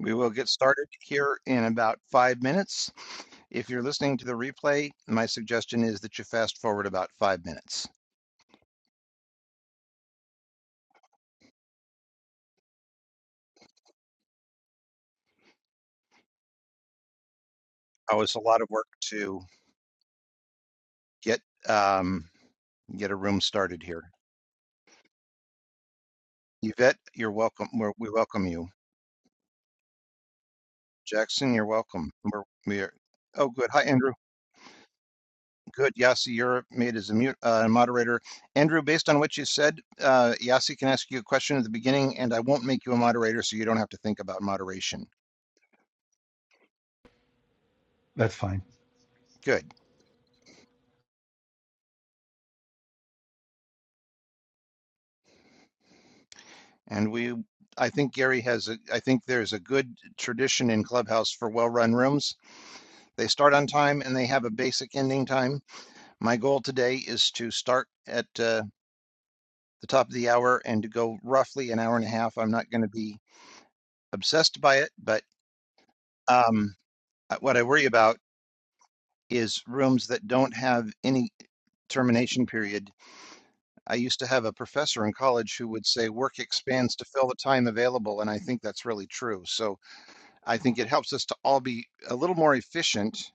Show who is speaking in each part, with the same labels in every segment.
Speaker 1: We will get started here in about five minutes. If you're listening to the replay, my suggestion is that you fast forward about five minutes. Oh, it's a lot of work to get um, get a room started here. Yvette, you're welcome. We're, we welcome you. Jackson, you're welcome. We're, we're oh good. Hi Andrew. Good. Yasi, you're made as a mute, uh, moderator. Andrew, based on what you said, uh, Yasi can ask you a question at the beginning, and I won't make you a moderator, so you don't have to think about moderation.
Speaker 2: That's fine.
Speaker 1: Good. And we, I think Gary has, a, I think there's a good tradition in Clubhouse for well-run rooms. They start on time and they have a basic ending time. My goal today is to start at uh, the top of the hour and to go roughly an hour and a half. I'm not going to be obsessed by it, but um, uh, what I worry about is rooms that don't have any termination period. I used to have a professor in college who would say work expands to fill the time available, and I think that's really true. So I think it helps us to all be a little more efficient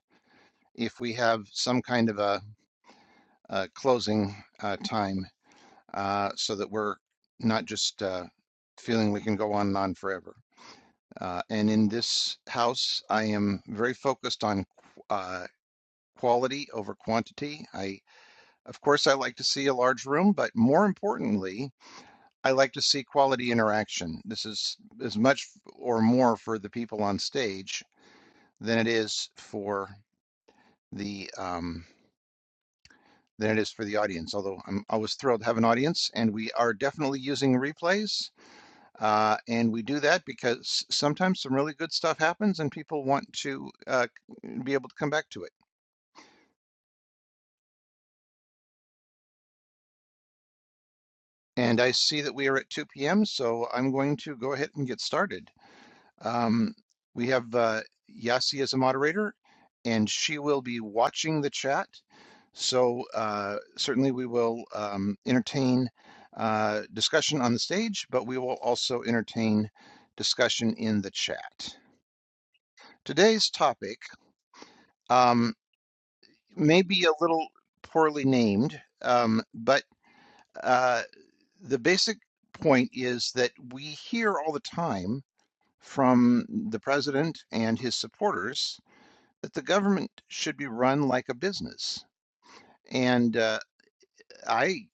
Speaker 1: if we have some kind of a, a closing uh, time uh, so that we're not just uh, feeling we can go on and on forever. Uh, and in this house, I am very focused on uh, quality over quantity. I, of course, I like to see a large room, but more importantly, I like to see quality interaction. This is as much or more for the people on stage than it is for the um, than it is for the audience. Although I'm always thrilled to have an audience, and we are definitely using replays, uh, and we do that because sometimes some really good stuff happens, and people want to uh, be able to come back to it. And I see that we are at 2 p.m., so I'm going to go ahead and get started. Um, we have uh, Yasi as a moderator, and she will be watching the chat. So uh, certainly we will um, entertain uh, discussion on the stage, but we will also entertain discussion in the chat. Today's topic um, may be a little poorly named, um, but uh, the basic point is that we hear all the time from the president and his supporters that the government should be run like a business. And uh, I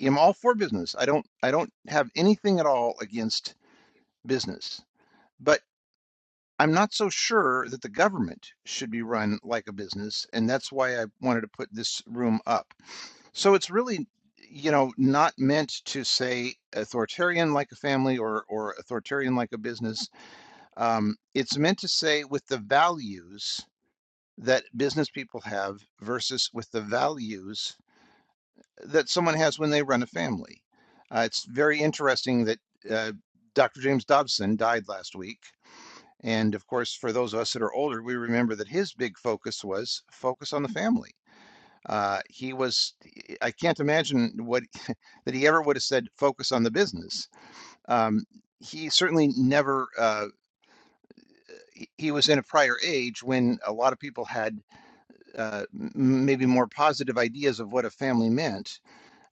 Speaker 1: am all for business. I don't I don't have anything at all against business, but I'm not so sure that the government should be run like a business, and that's why I wanted to put this room up. So it's really you know not meant to say authoritarian like a family or or authoritarian like a business um, it's meant to say with the values that business people have versus with the values that someone has when they run a family. Uh, it's very interesting that uh, Dr. James Dobson died last week. And of course, for those of us that are older, we remember that his big focus was focus on the family. Uh, he was, I can't imagine what that he ever would have said, focus on the business. Um, he certainly never, uh, he was in a prior age when a lot of people had uh, maybe more positive ideas of what a family meant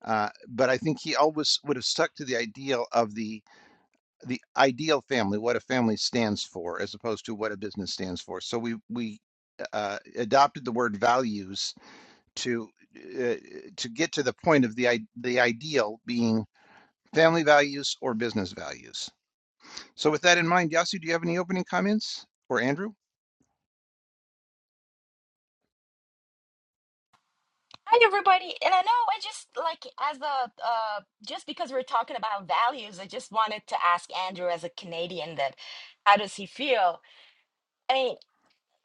Speaker 1: Uh, but I think he always would have stuck to the ideal of the the ideal family, what a family stands for, as opposed to what a business stands for. So we we uh, adopted the word values to uh, to get to the point of the i- the ideal being family values or business values. So with that in mind, Yasu, do you have any opening comments or Andrew?
Speaker 3: Hi everybody, and I know I just like as a uh, just because we're talking about values, I just wanted to ask Andrew as a Canadian that how does he feel? I mean,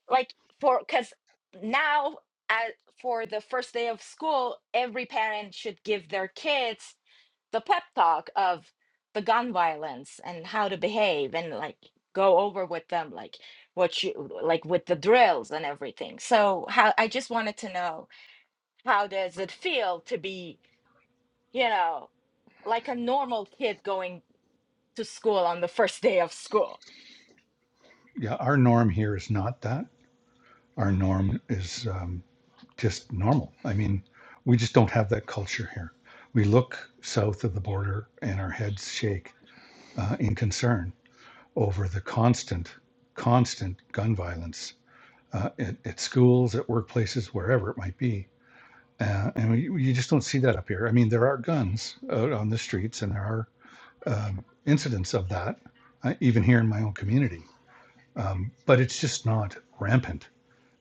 Speaker 3: like for because now uh, for the first day of school, every parent should give their kids the pep talk of the gun violence and how to behave and like go over with them like what you like with the drills and everything. So how I just wanted to know how does it feel to be you know, like a normal kid going to school on the first day of school.
Speaker 2: Yeah, our norm here is not that. Our norm is um, just normal. I mean, we just don't have that culture here. We look south of the border and our heads shake uh, in concern over the constant, constant gun violence uh, at, at schools, at workplaces, wherever it might be. Uh, and we, you just don't see that up here. I mean, there are guns out on the streets and there are um, incidents of that, uh, even here in my own community. Um, but it's just not rampant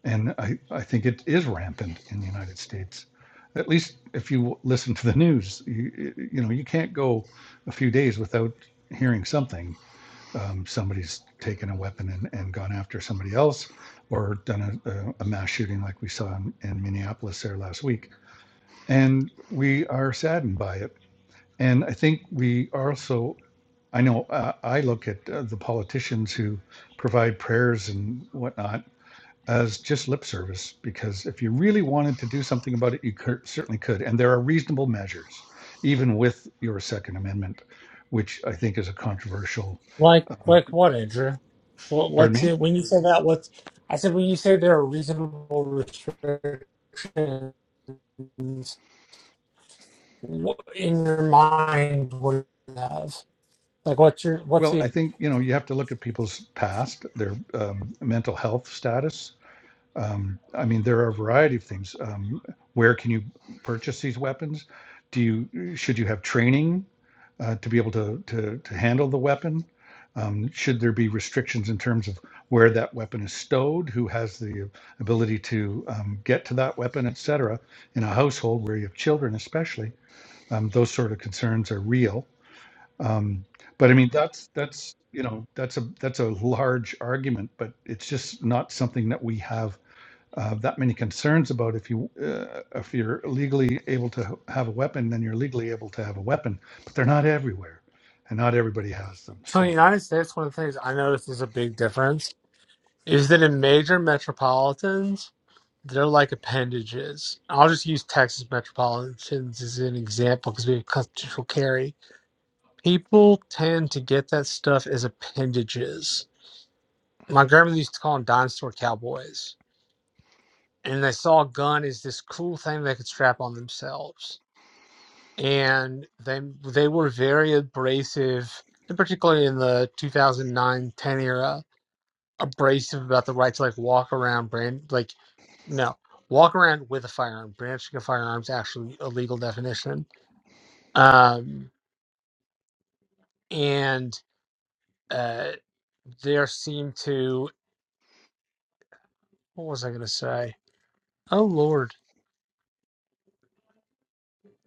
Speaker 2: and I, I think it is rampant in the United States. At least if you listen to the news, you, you know you can't go a few days without hearing something. Um, somebody's taken a weapon and, and gone after somebody else, or done a, a, a mass shooting like we saw in, in Minneapolis there last week. And we are saddened by it. And I think we also, I know uh, I look at uh, the politicians who provide prayers and whatnot as just lip service because if you really wanted to do something about it, you cur- certainly could. And there are reasonable measures, even with your Second Amendment, which I think is a controversial.
Speaker 4: Like,
Speaker 2: Um,
Speaker 4: like what, Andrew? What,
Speaker 2: pardon
Speaker 4: what's
Speaker 2: me.
Speaker 4: it when you say that? What's I said when you say there are reasonable restrictions what, in your mind? What do you have? Like, what's your what's
Speaker 2: Well, I
Speaker 4: the
Speaker 2: think you know you have to look at people's past, their um, mental health status, Um, I mean, there are a variety of things. Um, where can you purchase these weapons? Do you uh, should you have training uh, to be able to to to handle the weapon? Um, should there be restrictions in terms of where that weapon is stowed? Who has the ability to um, get to that weapon, et cetera? In a household where you have children, especially, um, those sort of concerns are real. Um, but I mean, that's that's you know that's a that's a large argument, but it's just not something that we have uh, that many concerns about if you uh, if you're legally able to have a weapon, then you're legally able to have a weapon. But they're not everywhere, and not everybody has them.
Speaker 4: so in
Speaker 2: So.
Speaker 4: the United States? One of the things I noticed is a big difference is that in major metropolitans, they're like appendages. I'll just use Texas metropolitans as an example because we have constitutional carry. People tend to get that stuff as appendages my grandmother used to call them dinosaur cowboys. And they saw a gun as this cool thing they could strap on themselves. And they they were very abrasive, and particularly in the 2009 10 era, abrasive about the right to like walk around brand like no walk around with a firearm. Branching a firearm is actually a legal definition. Um, and uh, there seemed to what was I going to say? Oh Lord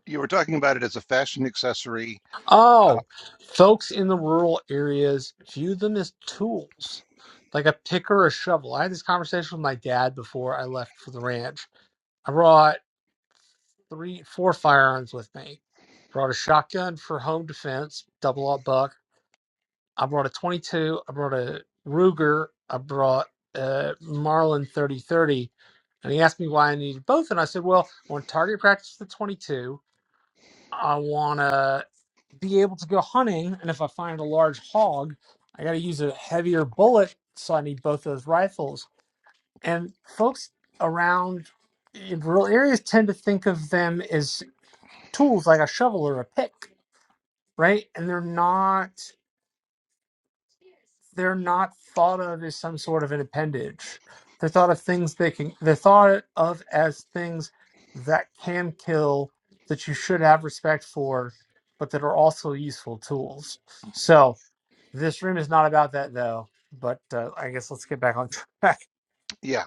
Speaker 1: You were talking about it as a fashion accessory. Uh,
Speaker 4: Oh, folks in the rural areas view them as tools, like a pick or a shovel. I had this conversation with my dad before I left for the ranch. I brought three, four firearms with me. Brought a shotgun for home defense, double up buck. I brought a 22. I brought a Ruger. I brought a Marlin 3030. And he asked me why I needed both, and I said, "Well, I want to target practice with the 22." I want to be able to go hunting, and if I find a large hog, I got to use a heavier bullet, so I need both those rifles. And folks around in rural areas tend to think of them as tools like a shovel or a pick, right? And they're not. they're not thought of as some sort of an appendage. They're thought of things they can. They're thought of as things that can kill that you should have respect for, but that are also useful tools. So this room is not about that though. But uh, I guess let's get back on track.
Speaker 1: yeah.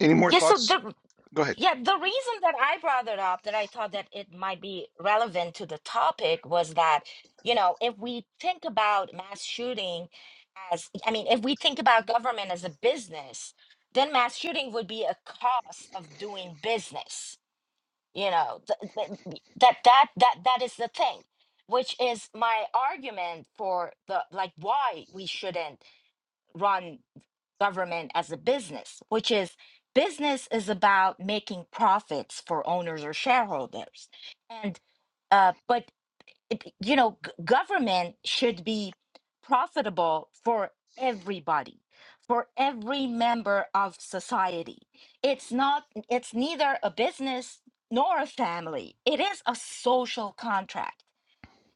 Speaker 1: Any more
Speaker 3: Yeah, so
Speaker 1: thoughts?
Speaker 3: the
Speaker 1: Go ahead.
Speaker 3: yeah, the reason that I brought it up that I thought that it might be relevant to the topic was that, you know, if we think about mass shooting as I mean, if we think about government as a business, then mass shooting would be a cost of doing business. You know, th- th- that that that that is the thing, which is my argument for the like why we shouldn't run government as a business, which is business is about making profits for owners or shareholders. And uh, but it, you know, g- government should be profitable for everybody, for every member of society. It's not. It's neither a business nor a family. It is a social contract.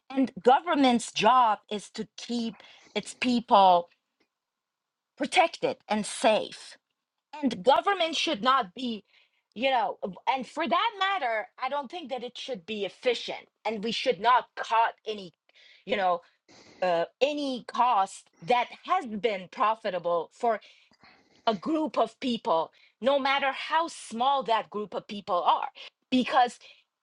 Speaker 3: And government's job is to keep its people protected and safe and government should not be you know and for that matter i don't think that it should be efficient and we should not cut any you know uh, any cost that has been profitable for a group of people no matter how small that group of people are because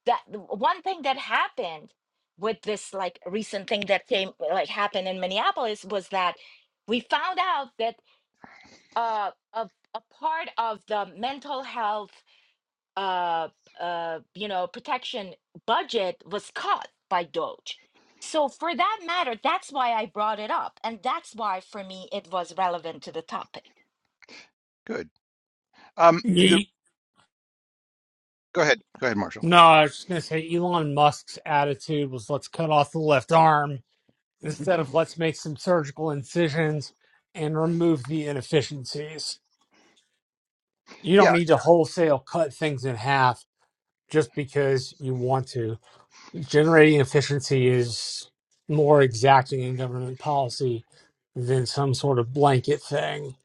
Speaker 3: that one thing that happened with this like recent thing that came like happened in minneapolis was that we found out that uh, a a part of the mental health uh, uh, you know protection budget was cut by Doge. So for that matter, that's why I brought it up, and that's why for me it was relevant to the topic.
Speaker 1: Good. Um, the,
Speaker 4: Ye-
Speaker 1: go ahead. Go ahead, Marshall.
Speaker 4: No, I was just gonna say Elon Musk's attitude was let's cut off the left arm instead of let's make some surgical incisions and remove the inefficiencies. you
Speaker 1: Yeah.
Speaker 4: don't need to wholesale cut things in half just because you want to. Generating efficiency is more exacting in government policy than some sort of blanket thing.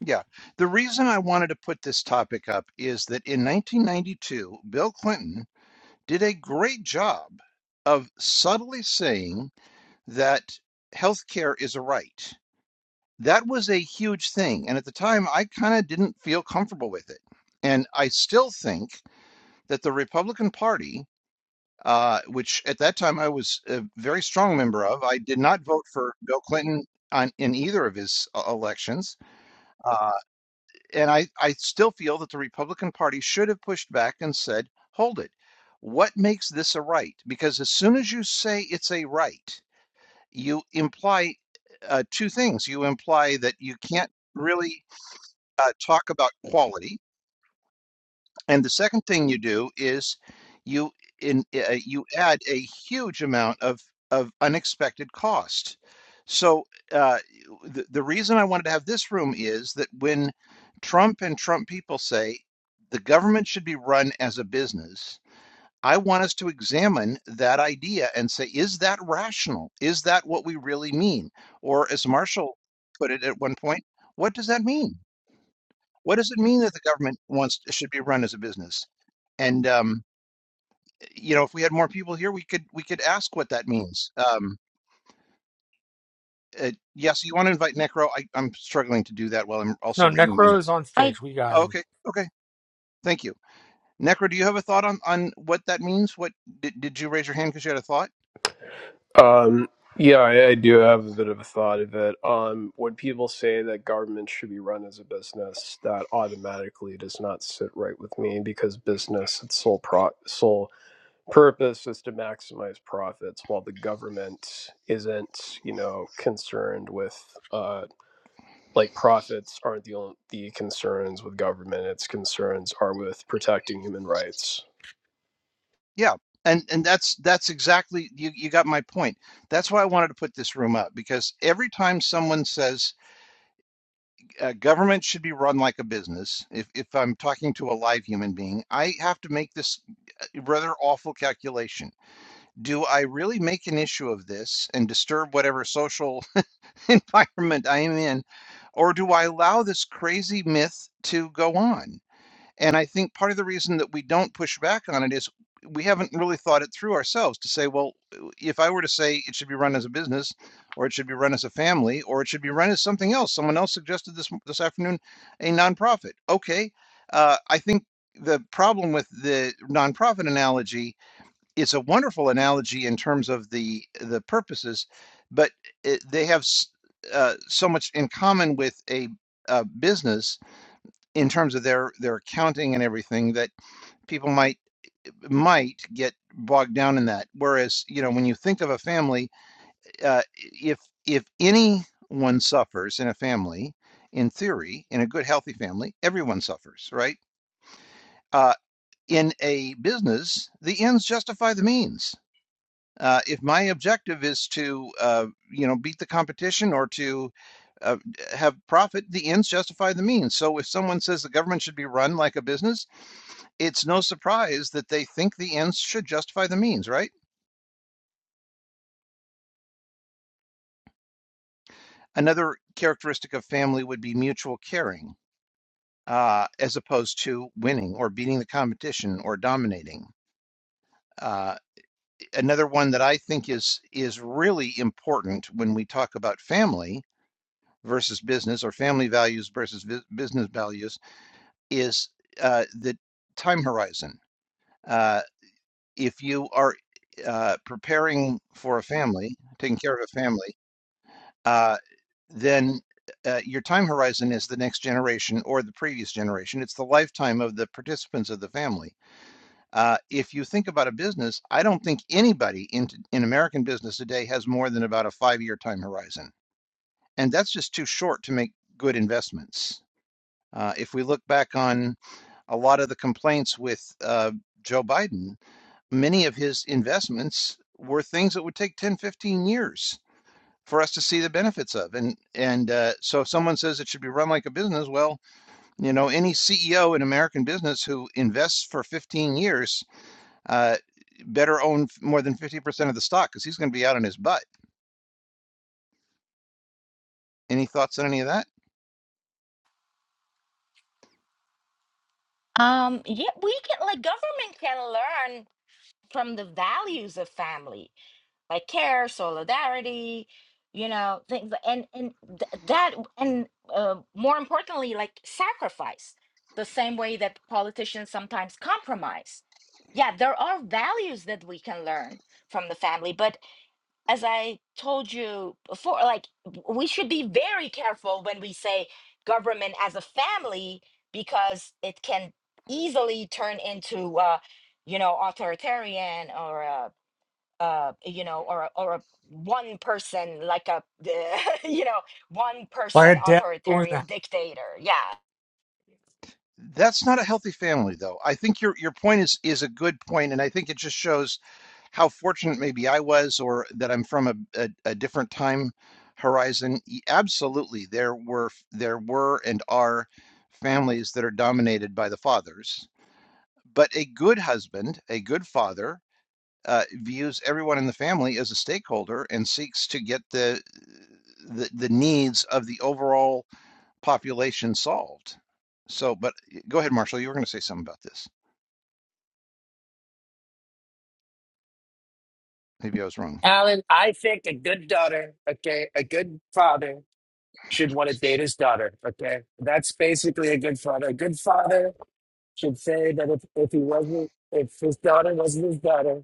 Speaker 1: Yeah. The reason I wanted to put this topic up is that in 1992, Bill Clinton did a great job of subtly saying that healthcare is a right. That was a huge thing. And at the time, I kind of didn't feel comfortable with it. And I still think that the Republican Party, uh, which at that time I was a very strong member of, I did not vote for Bill Clinton on, in either of his uh, elections. uh, and I, I still feel that the Republican Party should have pushed back and said, hold it. What makes this a right? Because as soon as you say it's a right, you imply uh, two things. You imply that you can't really uh, talk about quality and the second thing you do is you in uh, you add a huge amount of of unexpected cost. So uh, the the reason I wanted to have this room is that when Trump and Trump people say the government should be run as a business, I want us to examine that idea and say, is that rational? Is that what we really mean? Or as Marshall put it at one point, what does that mean? What does it mean that the government wants should be run as a business? And um, you know, if we had more people here, we could we could ask what that means. Um, uh, yes, you want to invite Necro? I, I'm struggling to do that while I'm also
Speaker 4: No,
Speaker 1: reading my
Speaker 4: Necro is
Speaker 1: notes.
Speaker 4: on
Speaker 3: I
Speaker 4: stage. We got
Speaker 1: Oh,
Speaker 4: him.
Speaker 1: okay, okay, thank you, Necro. Do you have a thought on on what that means? What did, did you raise your hand because you had a thought?
Speaker 5: Um, yeah, I, I do have a bit of a thought of it. Um, when people say that government should be run as a business, that automatically does not sit right with me because business its sole pro- sole purpose is to maximize profits, while the government isn't, you know, concerned with uh, like profits aren't the only, the concerns with government. Its concerns are with protecting human rights
Speaker 1: Yeah, and and that's that's exactly you you got my point. That's why I wanted to put this room up because every time someone says uh, government should be run like a business. If if I'm talking to a live human being, I have to make this uh, rather awful calculation. Do I really make an issue of this and disturb whatever social environment I am in, or do I allow this crazy myth to go on? And I think part of the reason that we don't push back on it is we haven't really thought it through ourselves to say, well, if I were to say it should be run as a business, or it should be run as a family, or it should be run as something else. Someone else suggested this this afternoon, a nonprofit. Okay, uh, I think the problem with the nonprofit analogy it's a wonderful analogy in terms of the the purposes, but it, they have s- uh, so much in common with a, a business in terms of their their accounting and everything that people might might get bogged down in that whereas you know when you think of a family uh, if if anyone suffers in a family in theory in a good healthy family everyone suffers right uh, in a business the ends justify the means uh, if my objective is to uh, you know beat the competition or to uh, have profit the ends justify the means so if someone says the government should be run like a business it's no surprise that they think the ends should justify the means, right? Another characteristic of family would be mutual caring, uh, as opposed to winning or beating the competition or dominating. Uh, another one that I think is is really important when we talk about family versus business or family values versus vi- business values is uh, the time horizon. Uh, if you are uh, preparing for a family, taking care of a family. uh, then uh, your time horizon is the next generation or the previous generation. It's the lifetime of the participants of the family. Uh, if you think about a business, I don't think anybody in, in American business today has more than about a five year time horizon. And that's just too short to make good investments. Uh, if we look back on a lot of the complaints with uh, Joe Biden, many of his investments were things that would take 10, 15 years for us to see the benefits of. And and uh, so if someone says it should be run like a business, well, you know, any CEO in American business who invests for 15 years uh, better own more than 50% of the stock because he's going to be out on his butt. Any thoughts on any of that?
Speaker 3: um yeah we can like government can learn from the values of family like care, solidarity, you know, things, and and th- that, and uh, more importantly, like sacrifice. The same way that politicians sometimes compromise. Yeah, there are values that we can learn from the family, but as I told you before, like w- we should be very careful when we say government as a family because it can easily turn into, uh, you know, authoritarian or uh, uh you know or or a one person like a you know one person
Speaker 4: Like a devil in the
Speaker 3: authoritarian dictator yeah
Speaker 1: That's not a healthy family, though. I think your your point is is a good point, and I think it just shows how fortunate maybe I was or that I'm from a, a, a different time horizon. e, Absolutely, there were there were and are families that are dominated by the fathers, but a good husband, a good father, uh, views everyone in the family as a stakeholder and seeks to get the the, the needs of the overall population solved. So, but go ahead, Marshall. You were going to say something about this. Maybe I was wrong.
Speaker 6: Alan, I think a good daughter, okay, a good father should want to date his daughter, okay? That's basically a good father. A good father should say that if, if he wasn't, if his daughter wasn't his daughter,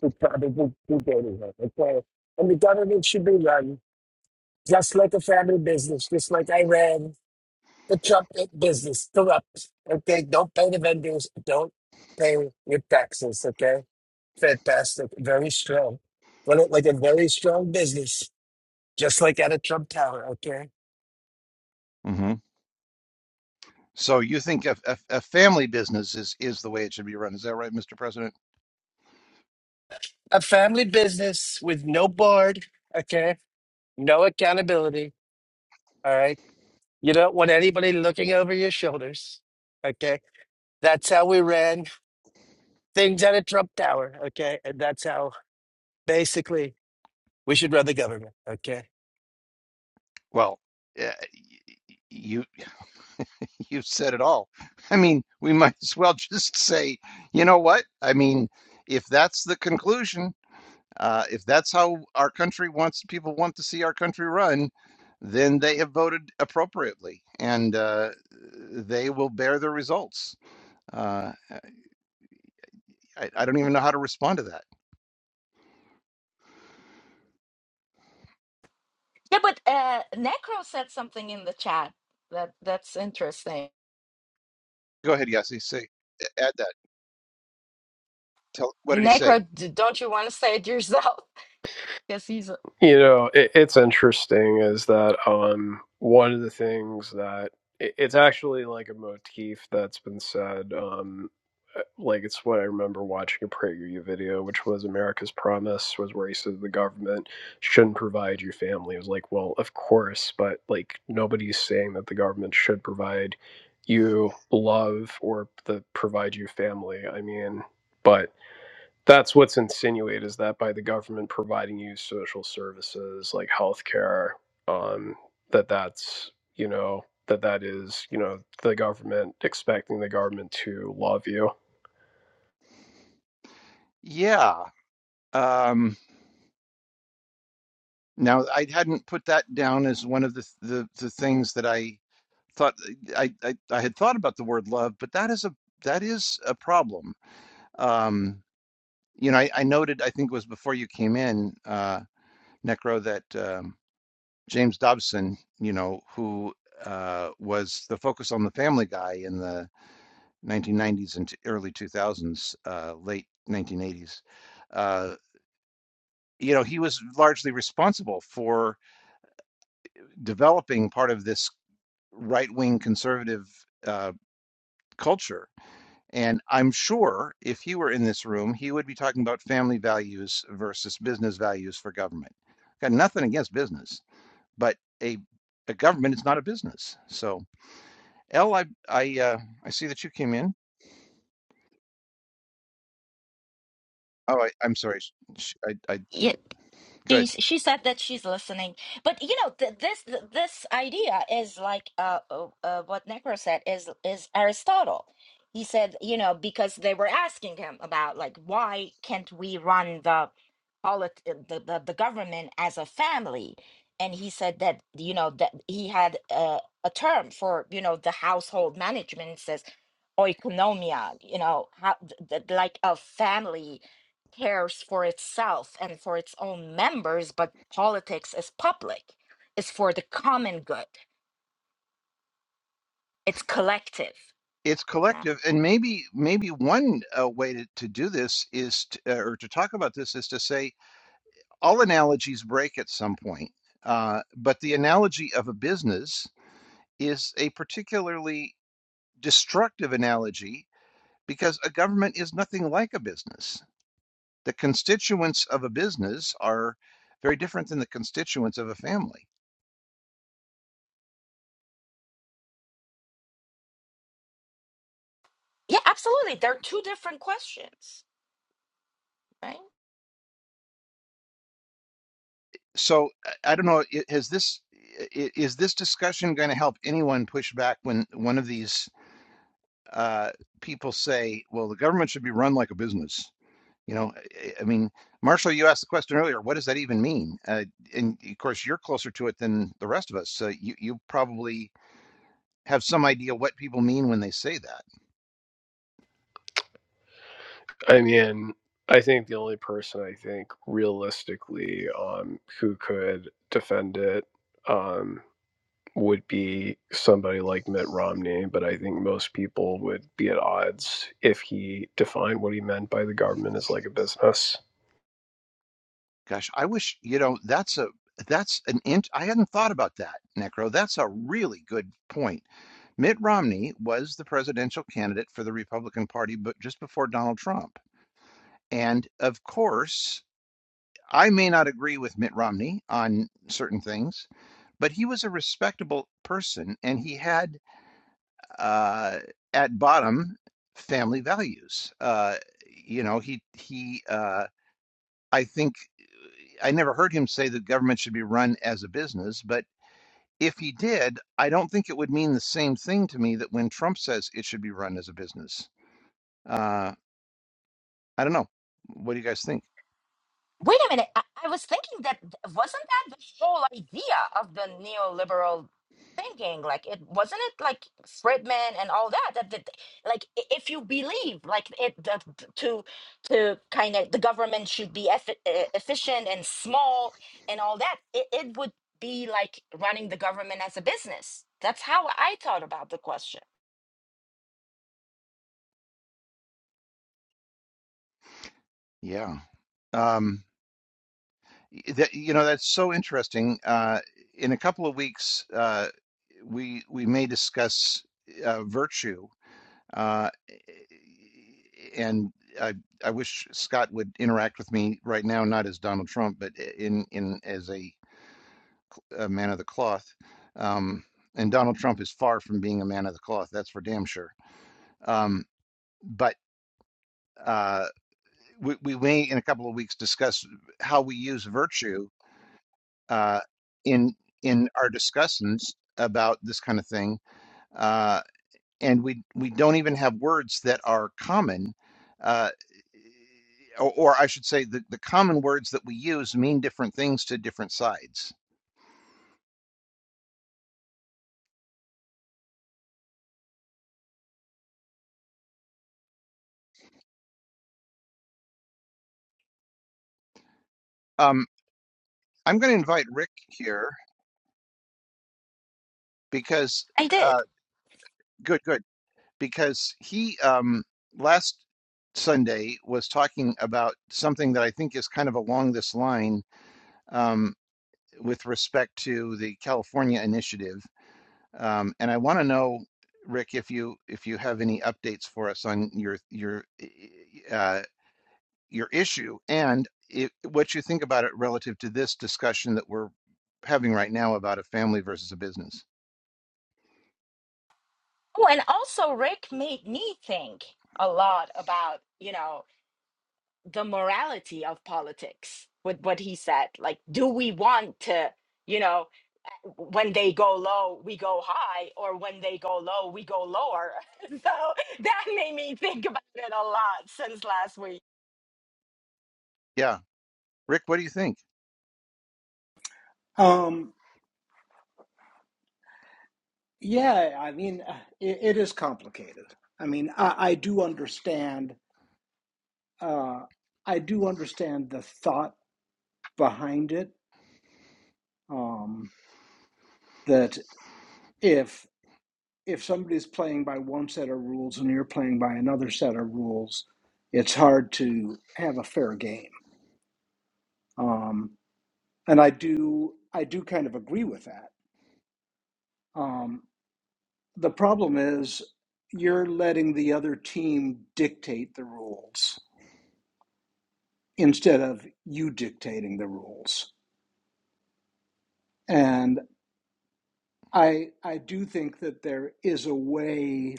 Speaker 6: he probably would be dating her, okay? And the government should be run just like a family business, just like I ran the Trump business, corrupt, okay? Don't pay the vendors, don't pay your taxes, okay? Fantastic, very strong. Run it like a very strong business just like at a Trump Tower, okay?
Speaker 1: Mm-hmm. So you think a, a, a family business is is the way it should be run? Is that right, Mr. President?
Speaker 6: A family business with no board, okay? No accountability, all right? You don't want anybody looking over your shoulders, okay? That's how we ran things at a Trump Tower, okay? And that's how basically we should run the government, okay?
Speaker 1: Well, uh, y- y- you you said it all. I mean, we might as well just say, you know what? I mean, if that's the conclusion, uh, if that's how our country wants people want to see our country run, then they have voted appropriately, and uh, they will bear the results. Uh, I, I don't even know how to respond to that.
Speaker 3: Yeah, but uh, Necro said something in the chat that that's interesting.
Speaker 1: Go ahead, Yassi. Say, add that. Tell what did he say?
Speaker 3: necro d- don't you want to say it yourself Because he's. a,
Speaker 5: You know, it, it's interesting is that um, one of the things that it, it's actually like a motif that's been said. Um, uh, like it's what I remember watching a PragerU video, which was America's promise was where he said the government shouldn't provide you family. It was like, well, of course, but like nobody's saying that the government should provide you love or the provide you family. I mean, but that's what's insinuated is that by the government providing you social services like healthcare, um, that that's you know that that is you know the government expecting the government to love you.
Speaker 1: Yeah. Um, now I hadn't put that down as one of the the, the things that I thought I, I I had thought about the word love, but that is a that is a problem. Um, you know, I, I noted I think it was before you came in, uh, Necro, that um, James Dobson, you know, who uh, was the focus on the Family Guy in the 1990s and t- early 2000s, uh, late 1980s. Uh, you know, he was largely responsible for. developing part of this right-wing conservative uh, culture. And I'm sure if he were in this room, he would be talking about family values versus business values for government. Got nothing against business, but a a government is not a business. So, L, I I uh, I see that you came in. Oh, I, I'm sorry. Sh- sh- I, I
Speaker 3: yeah.
Speaker 1: good.
Speaker 3: She she said that she's listening, but you know th- this th- this idea is like uh, uh uh, what Necro said is is Aristotle. He said you know because they were asking him about like why can't we run the polit- uh, the, the the government as a family, and he said that you know that he had uh, a term for you know the household management it says oikonomia, you know how th- th- like a family cares for itself and for its own members, but politics is public. It's for the common good. It's collective.
Speaker 1: It's
Speaker 3: Yeah,
Speaker 1: collective, and maybe maybe one uh, way to, to do this is, to, uh, or to talk about this is to say all analogies break at some point, uh, but the analogy of a business is a particularly destructive analogy because a government is nothing like a business. The constituents of a business are very different than the constituents of a family.
Speaker 3: yeah absolutely. They're two different questions, right?
Speaker 1: So I don't know. i- Has this is this discussion going to help anyone push back when one of these uh, people say, "Well, the government should be run like a business"? You know, I I mean, Marshall, you asked the question earlier, what does that even mean? Uh, and of course, you're closer to it than the rest of us. So you, you probably have some idea what people mean when they say that.
Speaker 5: I mean, I think the only person I think realistically um, who could defend it um, would be somebody like Mitt Romney, but I think most people would be at odds if he defined what he meant by the government as like a business.
Speaker 1: Gosh, I wish, you know, that's a, that's an int I hadn't thought about that, Necro. That's a really good point. Mitt Romney was the presidential candidate for the Republican Party, but just before Donald Trump. And of course, I may not agree with Mitt Romney on certain things, but he was a respectable person and he had, uh, at bottom, family values. Uh, you know, he, he, uh, I think I never heard him say that government should be run as a business, but if he did, I don't think it would mean the same thing to me that when Trump says it should be run as a business. Uh, I don't know. What do you guys think?
Speaker 3: Wait a minute. I, I was thinking that th- wasn't that the whole idea of the neoliberal thinking? Like, it wasn't it like Friedman and all that. That, that like, i- if you believe, like, it that t- to to kind of the government should be eff- e- efficient and small and all that, it, it would be like running the government as a business. That's how I thought about the question.
Speaker 1: Yeah. Um, That, you know, that's so interesting. Uh, in a couple of weeks, uh, we we may discuss uh, virtue, uh, and I I wish Scott would interact with me right now, not as Donald Trump, but in in as a, a man of the cloth. Um, and Donald Trump is far from being a man of the cloth. That's for damn sure. Um, but uh, we, we may in a couple of weeks discuss how we use virtue uh, in in our discussions about this kind of thing, uh, and we we don't even have words that are common, uh, or, or I should say, the, the common words that we use mean different things to different sides. Um, I'm going to invite Rick here because
Speaker 3: I
Speaker 1: uh,
Speaker 3: did.
Speaker 1: good, good, because he um, last Sunday was talking about something that I think is kind of along this line. Um, with respect to the California initiative. Um, and I want to know, Rick, if you if you have any updates for us on your your eh, eh, uh, your issue and if, what you think about it relative to this discussion that we're having right now about a family versus a business.
Speaker 3: Oh, and also Rick made me think a lot about, you know. the morality of politics with what he said. Like, do we want to, you know, when they go low, we go high, or when they go low, we go lower? so that made me think about it a lot since last week.
Speaker 1: Yeah, Rick, what do you think?
Speaker 7: Um, yeah, I mean, uh, it, it is complicated. I mean, I, I do understand. Uh, I do understand the thought behind it. Um, that if if somebody's playing by one set of rules and you're playing by another set of rules, it's hard to have a fair game. Um, and I do I do kind of agree with that. Um, the problem is you're letting the other team dictate the rules instead of you dictating the rules. And I I do think that there is a way,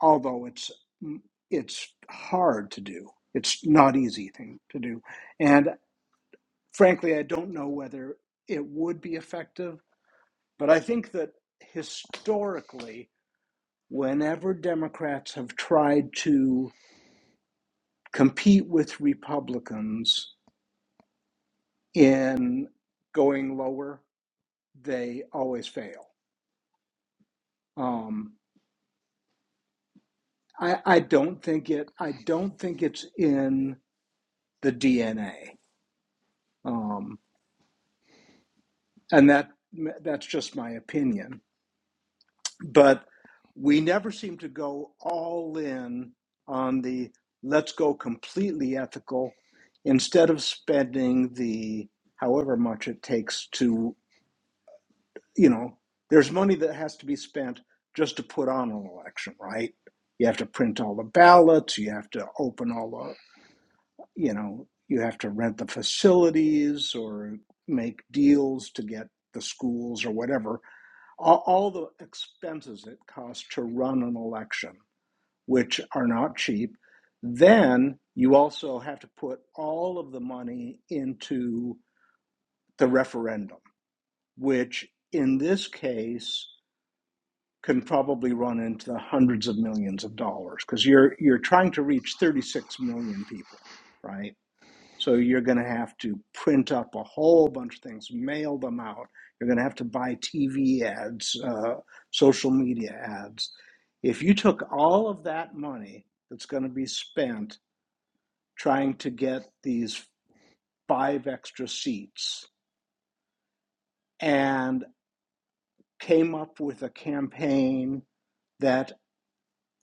Speaker 7: although it's mm, it's hard to do. It's not easy thing to do. And frankly, I don't know whether it would be effective, but I think that historically, whenever Democrats have tried to compete with Republicans in going lower, they always fail. Um, I, I don't think it. I don't think it's in the DNA, um, and that that's just my opinion. But we never seem to go all in on the let's go completely ethical instead of spending the however much it takes to you know there's money that has to be spent just to put on an election right you have to print all the ballots you have to open all you know, you have to rent the facilities or make deals to get the schools or whatever. All, all the expenses it costs to run an election, which are not cheap. Then you also have to put all of the money into the referendum, which in this case can probably run into the hundreds of millions of dollars because you're you're trying to reach 36 million people, right? So you're going to have to print up a whole bunch of things, mail them out. You're going to have to buy TV ads, uh, social media ads. If you took all of that money that's going to be spent trying to get these five extra seats and came up with a campaign that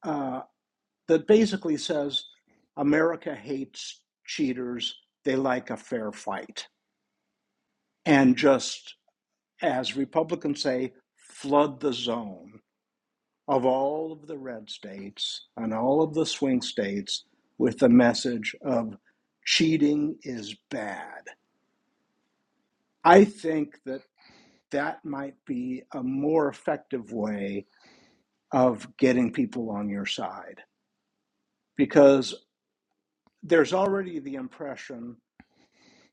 Speaker 7: uh, that basically says America hates cheaters. They like a fair fight, and just as Republicans say, flood the zone of all of the red states and all of the swing states with the message of cheating is bad. I think that that might be a more effective way of getting people on your side because there's already the impression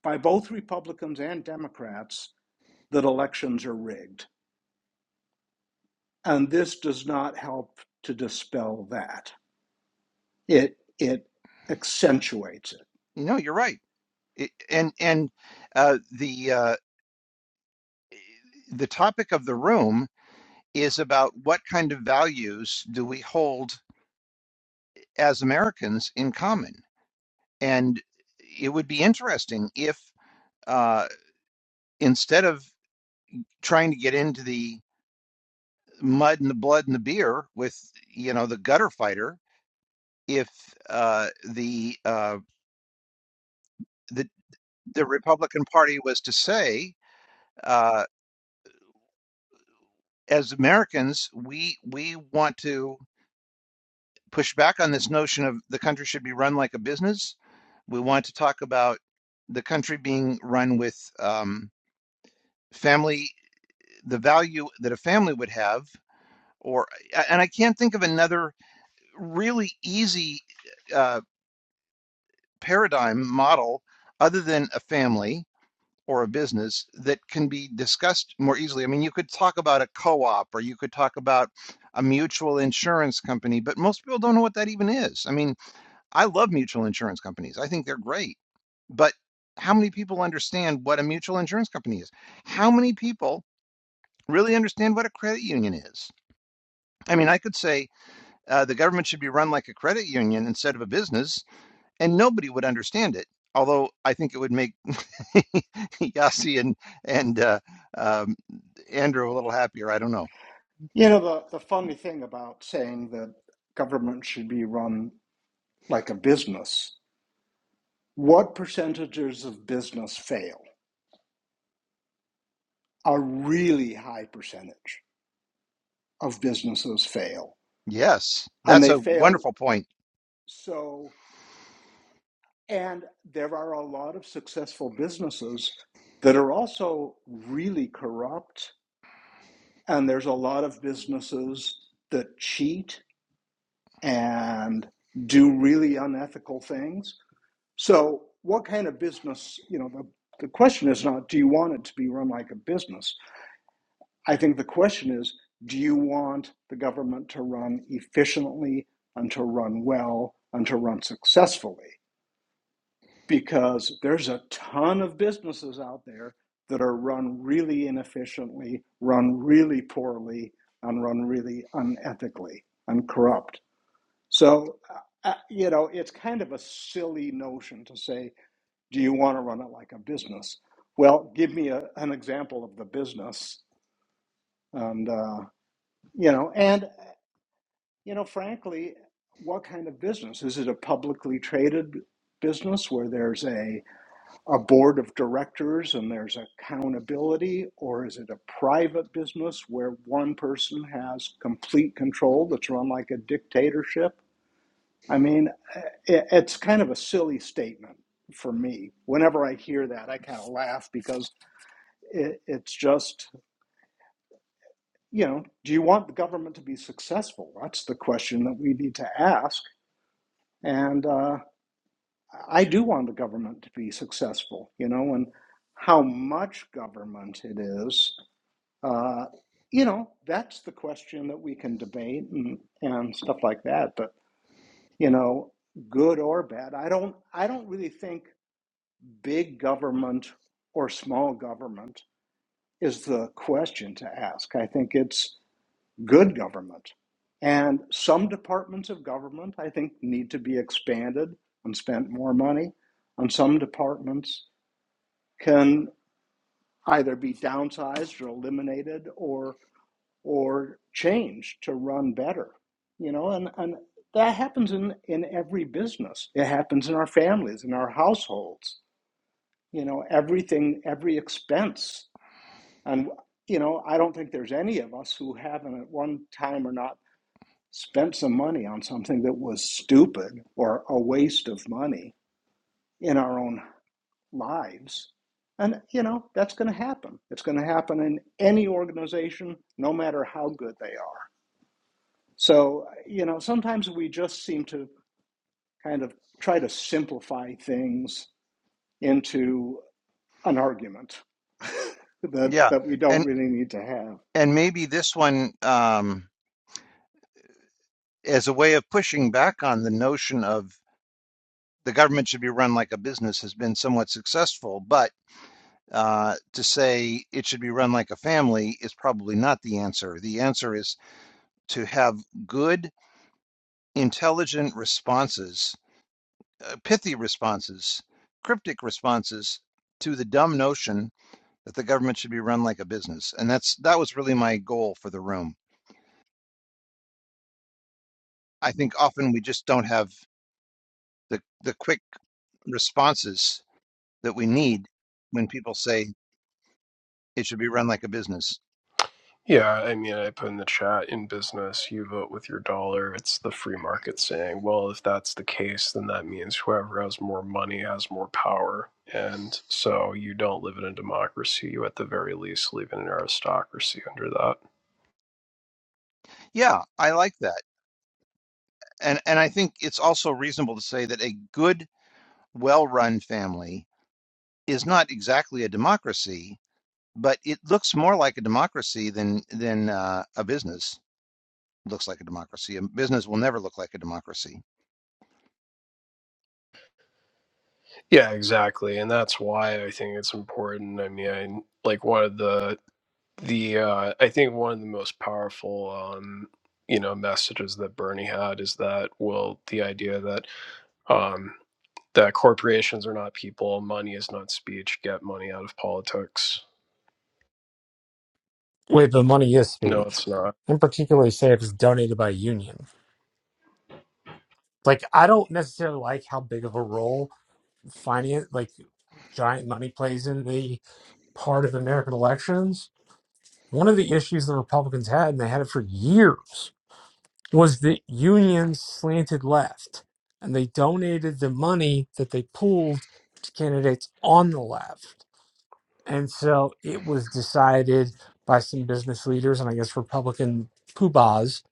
Speaker 7: by both Republicans and Democrats that elections are rigged. And this does not help to dispel that. it it accentuates it.
Speaker 1: You know, you're right. It, and and uh, the uh, the topic of the room is about what kind of values do we hold as Americans in common And it would be interesting if uh, instead of trying to get into the mud and the blood and the beer with you know the gutter fighter, if uh, the uh, the the Republican Party was to say, uh, as Americans, we we want to push back on this notion of the country should be run like a business. We want to talk about the country being run with um, family, the value that a family would have or and I can't think of another really easy uh, paradigm model other than a family or a business that can be discussed more easily. I mean, you could talk about a co-op or you could talk about a mutual insurance company, but most people don't know what that even is. I mean, I love mutual insurance companies. I think they're great. But how many people understand what a mutual insurance company is? How many people really understand what a credit union is? I mean, I could say Uh, the government should be run like a credit union instead of a business, and nobody would understand it. Although I think it would make Yasi and and uh, um, Andrew a little happier. I don't know.
Speaker 7: You know, the, the funny thing about saying that government should be run like a business, what percentages of business fail? A really high percentage of businesses fail.
Speaker 1: Yes,
Speaker 7: And
Speaker 1: that's
Speaker 7: they
Speaker 1: a
Speaker 7: fail
Speaker 1: wonderful point.
Speaker 7: so, and there are a lot of successful businesses that are also really corrupt. And there's a lot of businesses that cheat and do really unethical things. So, what kind of business, you know, the, the question is not do you want it to be run like a business? I think the question is do you want the government to run efficiently and to run well and to run successfully? Because there's a ton of businesses out there that are run really inefficiently, run really poorly, and run really unethically and corrupt. So, uh, uh, you know, it's kind of a silly notion to say, do you want to run it like a business? Well, give me a, an example of the business. And, uh, you know, and, you know, frankly, what kind of business? Is it a publicly traded business where there's a, a board of directors and there's accountability? Or is it a private business where one person has complete control that's run like a dictatorship? I mean, it, it's kind of a silly statement for me. Whenever I hear that, I kind of laugh because it, it's just, you know, do you want the government to be successful? That's the question that we need to ask. And uh, I do want the government to be successful, you know, and how much government it is. Uh, you know, that's the question that we can debate and, and stuff like that. But, you know, good or bad, I don't, I don't really think big government or small government is the question to ask. I think it's good government. And some departments of government, I think, need to be expanded and spent more money. And some departments can either be downsized or eliminated or or changed to run better. You know, and, and that happens in, in every business. It happens in our families, in our households. You know, everything, every expense And, you know, I don't think there's any of us who haven't at one time or not spent some money on something that was stupid or a waste of money in our own lives. And, you know, that's going to happen. It's going to happen in any organization, no matter how good they are. So, you know, sometimes we just seem to kind of try to simplify things into an argument that,
Speaker 1: Yeah,
Speaker 7: that we don't
Speaker 1: and
Speaker 7: really need to have.
Speaker 1: and maybe this one um, as a way of pushing back on the notion of the government should be run like a business has been somewhat successful, but uh, to say it should be run like a family is probably not the answer. The answer is to have good intelligent responses, uh, pithy responses, cryptic responses to the dumb notion that the government should be run like a business. And that's that was really my goal for the room. I think often we just don't have the the quick responses that we need when people say it should be run like a business.
Speaker 5: Yeah, I mean, I put in the chat in business, you vote with your dollar. It's the free market saying, well, if that's the case, then that means whoever has more money has more power. And so you don't live in a democracy. You, at the very least, live in an aristocracy under that.
Speaker 1: Yeah, I like that. And and I think it's also reasonable to say that a good, well-run family is not exactly a democracy, but it looks more like a democracy than than uh, a business looks like a democracy. A business will never look like a democracy.
Speaker 5: Yeah, exactly. And that's why I think it's important. I mean, like one of the, the, uh, I think one of the most powerful, um, you know, messages that Bernie had is that, well, the idea that, um, that corporations are not people, money is not speech, get money out of politics.
Speaker 4: with the money is
Speaker 5: No,
Speaker 4: speech.
Speaker 5: it's not.
Speaker 4: In particular, say if it's donated by a union. Like I don't necessarily like how big of a role finance, like giant money, plays in the part of American elections One of the issues the Republicans had, and they had it for years, was that unions slanted left and they donated the money that they pooled to candidates on the left. And so it was decided by some business leaders and I guess Republican poobahs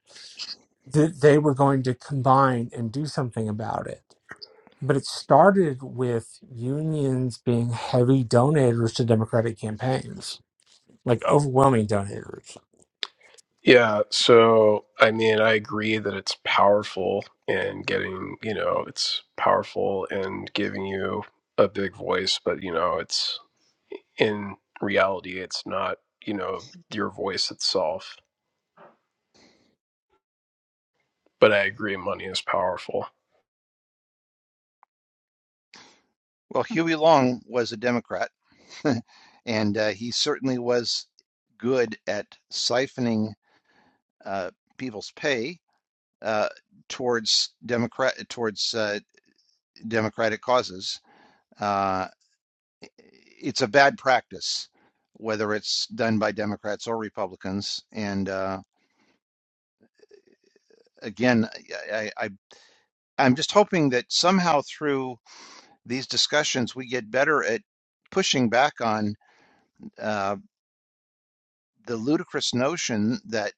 Speaker 4: that they were going to combine and do something about it. But it started with unions being heavy donators to Democratic campaigns, like overwhelming donators
Speaker 5: Yeah, so I mean, I agree that it's powerful in getting, you know, it's powerful in giving you a big voice, but you know, it's in reality, it's not, you know, your voice itself. But I agree, money is powerful.
Speaker 1: Well, Huey Long was a Democrat, and uh, he certainly was good at siphoning uh, people's pay uh, towards Democrat towards uh, democratic causes. Uh, it's a bad practice, whether it's done by Democrats or Republicans, and uh, again, I, I, I I'm just hoping that somehow through these discussions, we get better at pushing back on uh, the ludicrous notion that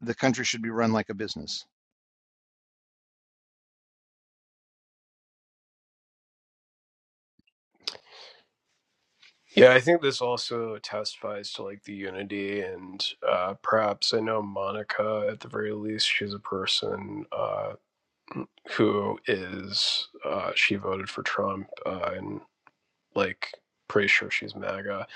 Speaker 1: the country should be run like a business.
Speaker 5: Yeah, I think this also testifies to like the unity and uh, perhaps I know Monica at the very least. She's a person uh, who is uh, she voted for Trump uh, and like pretty sure she's MAGA.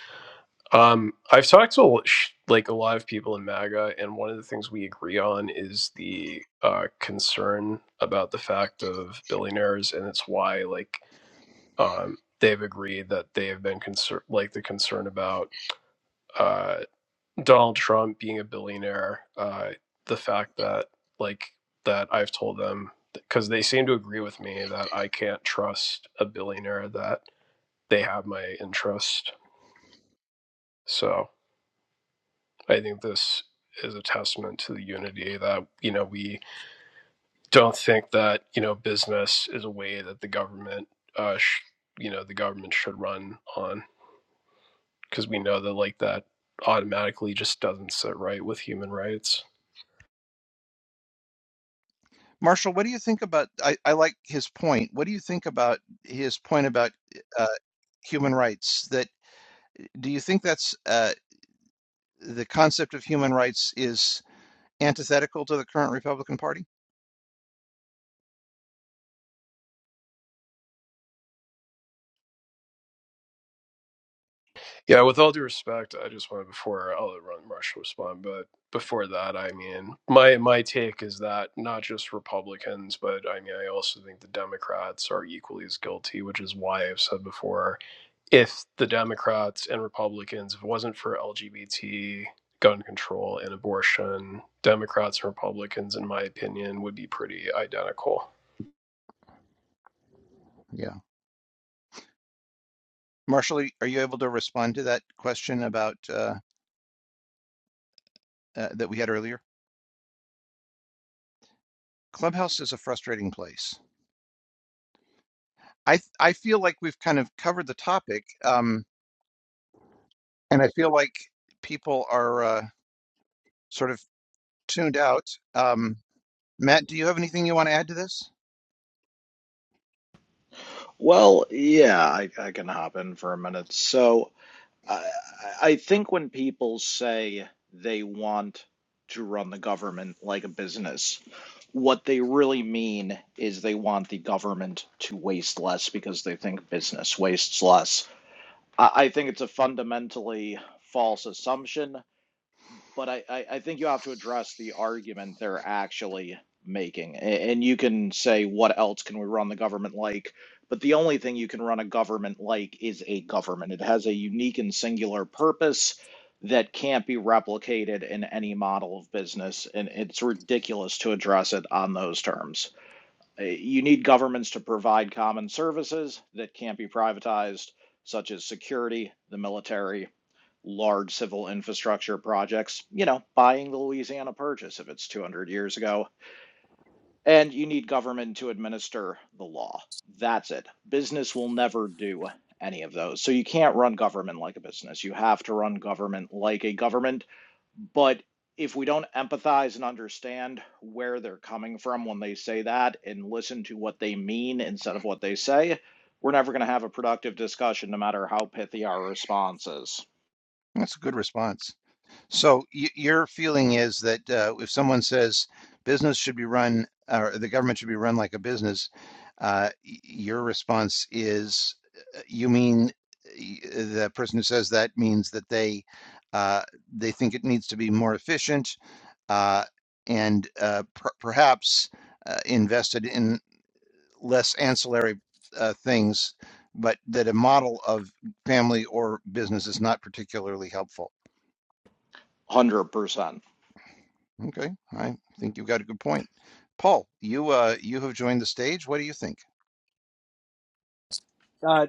Speaker 5: Um, I've talked to l- sh- like a lot of people in MAGA, and one of the things we agree on is the uh, concern about the fact of billionaires, and it's why like um, they've agreed that they have been concerned like the concern about. uh Donald Trump being a billionaire, uh, the fact that like that I've told them because they seem to agree with me that I can't trust a billionaire that they have my interest. So I think this is a testament to the unity that you know we don't think that you know business is a way that the government, uh, sh- you know, the government should run on because we know that like that automatically just doesn't sit right with human rights.
Speaker 1: Marshall, what do you think about? I, I like his point. What do you think about his point about uh, human rights? That do you think that's uh, the concept of human rights is antithetical to the current Republican Party?
Speaker 5: Yeah, with all due respect, I just want to before I'll let Ron Rush respond, but before that, I mean, my my take is that not just Republicans, but I mean, I also think the Democrats are equally as guilty, which is why I've said before, if the Democrats and Republicans, if it wasn't for LGBT gun control and abortion, Democrats and Republicans, in my opinion, would be pretty identical.
Speaker 1: Yeah, Marshall, are you able to respond to that question about? uh, uh, that we had earlier. Clubhouse is a frustrating place. I I feel like we've kind of covered the topic, um, and I feel like people are uh, sort of tuned out. Um, Matt, do you have anything you want to add to this?
Speaker 8: Well, yeah, I, I can hop in for a minute. So I, I think when people say they want to run the government like a business, what they really mean is they want the government to waste less because they think business wastes less. I, I think it's a fundamentally false assumption but I, I, I think you have to address the argument they're actually making. A- And you can say, what else can we run the government like? But the only thing you can run a government like is a government. It has a unique and singular purpose that can't be replicated in any model of business. And it's ridiculous to address it on those terms. Uh, You need governments to provide common services that can't be privatized, such as security, the military large civil infrastructure projects, you know, buying the Louisiana Purchase if it's 200 years ago, and you need government to administer the law. That's it. Business will never do any of those. So you can't run government like a business. You have to run government like a government. But if we don't empathize and understand where they're coming from when they say that and listen to what they mean instead of what they say, we're never going to have a productive discussion, no matter how pithy our response is.
Speaker 1: That's a good response. So y your feeling is that uh, if someone says business should be run or the government should be run like a business, uh, y- your response is uh, you mean y- the person who says that means that they uh, they think it needs to be more efficient uh, and uh, per perhaps uh, invested in less ancillary uh, things, but that a model of family or business is not particularly helpful.
Speaker 8: 100%.
Speaker 1: Okay, I think you've got a good point. Paul, you uh you have joined the stage. What do you think?
Speaker 9: Uh,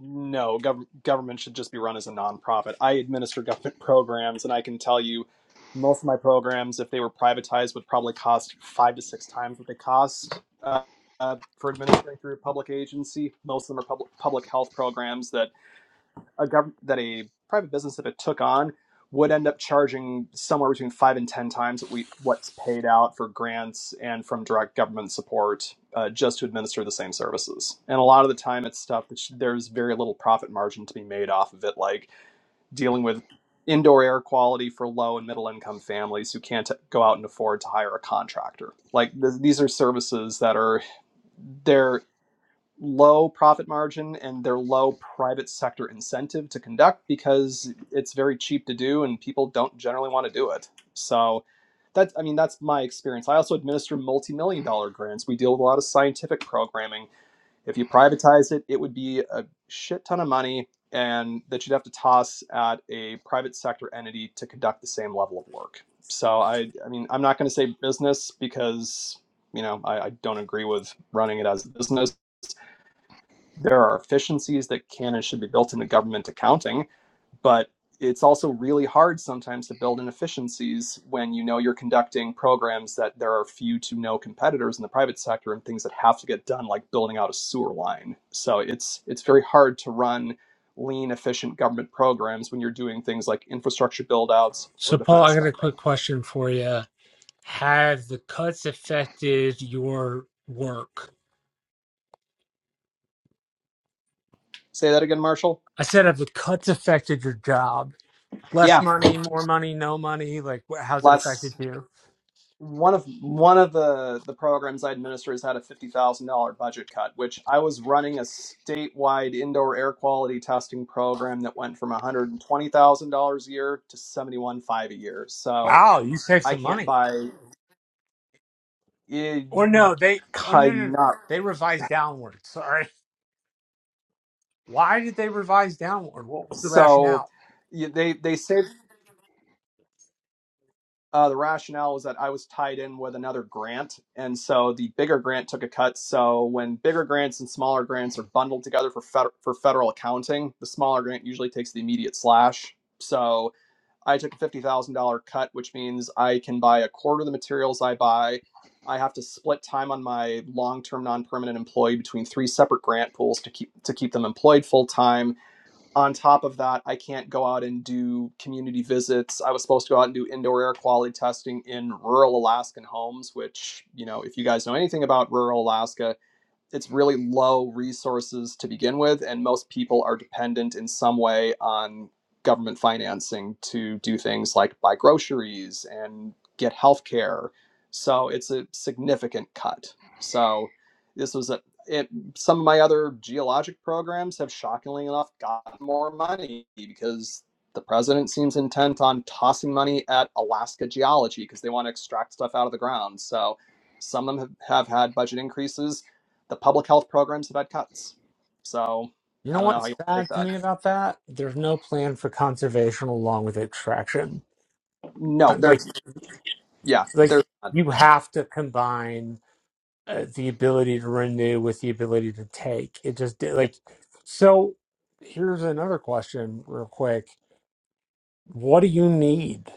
Speaker 9: no, gov- government should just be run as a nonprofit. I administer government programs, and I can tell you most of my programs, if they were privatized, would probably cost five to six times what they cost uh, uh, for administering through a public agency. Most of them are public public health programs that a government that a private business if it took on would end up charging somewhere between five and ten times what we what's paid out for grants and from direct government support uh, just to administer the same services. And a lot of the time, it's stuff that sh- there's very little profit margin to be made off of it, like dealing with indoor air quality for low and middle income families who can't go out and afford to hire a contractor. Like th- these are services that are there low profit margin and their low private sector incentive to conduct because it's very cheap to do and people don't generally want to do it. So that's I mean that's my experience. I also administer multi-million dollar grants. We deal with a lot of scientific programming. If you privatize it, it would be a shit ton of money and that you'd have to toss at a private sector entity to conduct the same level of work. So I I mean I'm not going to say business because you know I, I don't agree with running it as a business there are efficiencies that can and should be built into government accounting, but it's also really hard sometimes to build in efficiencies when you know you're conducting programs that there are few to no competitors in the private sector and things that have to get done like building out a sewer line. So it's it's very hard to run lean efficient government programs when you're doing things like infrastructure build outs or
Speaker 4: So, Paul,
Speaker 9: defense
Speaker 4: I got a
Speaker 9: spending.
Speaker 4: quick question for you. Have the cuts affected your work?
Speaker 9: Say that again, Marshall?
Speaker 4: I said, have the cuts affected your job? Less
Speaker 9: Yeah,
Speaker 4: money, more money, no money? Like, wh- how's it
Speaker 9: lots
Speaker 4: affected you?
Speaker 9: one of one of the the programs I administer has had a fifty thousand dollar budget cut, which I was running a statewide indoor air quality testing program that went from one hundred and twenty thousand dollars a year to seventy one five a year. So
Speaker 4: Wow, you saved
Speaker 9: I
Speaker 4: some
Speaker 9: can't
Speaker 4: money.
Speaker 9: buy it,
Speaker 4: Or no, they oh, no, no,
Speaker 9: kind
Speaker 4: no.
Speaker 9: not
Speaker 4: They revised downward. Sorry. Why did they revise downward? What was the
Speaker 9: so.
Speaker 4: rationale?
Speaker 9: you- They they say. Uh, the rationale was that I was tied in with another grant, and so the bigger grant took a cut. So when bigger grants and smaller grants are bundled together for fed- for federal accounting, the smaller grant usually takes the immediate slash. So I took a fifty thousand dollar cut, which means I can buy a quarter of the materials I buy. I have to split time on my long term non permanent employee between three separate grant pools to keep to keep them employed full time on top of that, I can't go out and do community visits. I was supposed to go out and do indoor air quality testing in rural Alaskan homes, which, you know, if you guys know anything about rural Alaska, it's really low resources to begin with, and most people are dependent in some way on government financing to do things like buy groceries and get healthcare. So it's a significant cut. So this was a it, some of my other geologic programs have shockingly enough gotten more money because the president seems intent on tossing money at Alaska geology because they want to extract stuff out of the ground. So some of them have, have had budget increases the public health programs have had cuts. So
Speaker 4: You know
Speaker 9: I don't know how you
Speaker 4: what's
Speaker 9: take
Speaker 4: sad to me
Speaker 9: that.
Speaker 4: about that? There's no plan for conservation along with extraction.
Speaker 9: No,
Speaker 4: Kind of like
Speaker 9: there's yeah,
Speaker 4: like
Speaker 9: there's not. Yeah.
Speaker 4: you have to combine uh, the ability to renew with the ability to take. It just did like so. Here's another question, real quick. What do you need?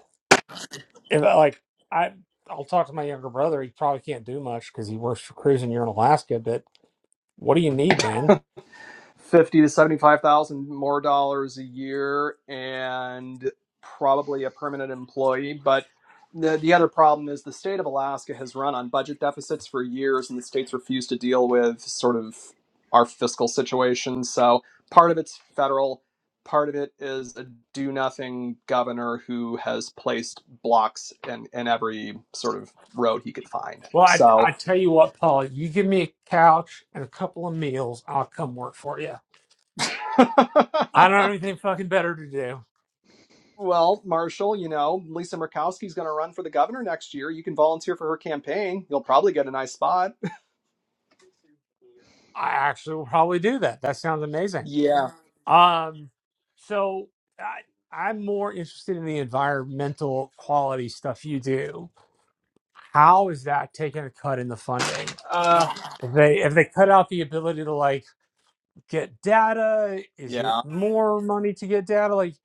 Speaker 4: if I, like I I'll talk to my younger brother. He probably can't do much because he works for Cruise and you're in Alaska. But what do you need, man?
Speaker 9: fifty to seventy-five thousand more dollars a year, and probably a permanent employee. But the the other problem is the state of Alaska has run on budget deficits for years, and the states refuse to deal with sort of our fiscal situation. So part of it's federal. Part of it is a do nothing governor who has placed blocks in, in every sort of road he could find.
Speaker 4: Well, I
Speaker 9: So
Speaker 4: I tell you what, Paul. You give me a couch and a couple of meals, I'll come work for you. I don't have anything fucking better to do.
Speaker 9: Well, Marshall, you know, Lisa Murkowski's going to run for the governor next year. You can volunteer for her campaign. You'll probably get a nice spot.
Speaker 4: I actually will probably do that. That sounds amazing.
Speaker 9: Yeah.
Speaker 4: Um, so I I'm more interested in the environmental quality stuff you do. How is that taking a cut in the funding?
Speaker 9: Uh,
Speaker 4: If they if they cut out the ability to like get data? Is it
Speaker 9: yeah.
Speaker 4: more money to get data? Like,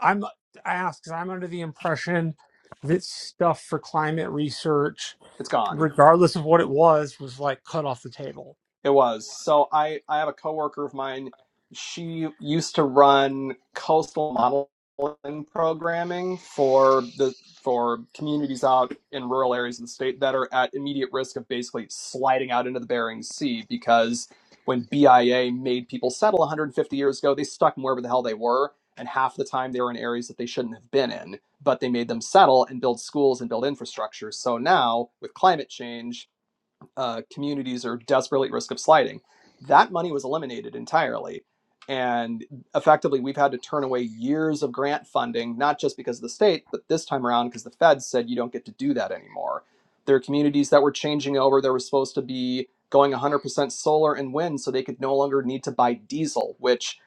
Speaker 4: I'm I ask 'cause I'm under the impression that stuff for climate research,
Speaker 9: It's gone.
Speaker 4: regardless of what it was, was like cut off the table.
Speaker 9: It was. So I I have a coworker of mine. She used to run coastal modeling programming for the for communities out in rural areas of the state that are at immediate risk of basically sliding out into the Bering Sea because when BIA made people settle 150 years ago, they stuck them wherever the hell they were. And half the time they were in areas that they shouldn't have been in, but they made them settle and build schools and build infrastructure. So now with climate change, uh, communities are desperately at risk of sliding. That money was eliminated entirely. And effectively, we've had to turn away years of grant funding, not just because of the state, but this time around because the feds said you don't get to do that anymore. There are communities that were changing over. They were supposed to be going 100% solar and wind so they could no longer need to buy diesel, which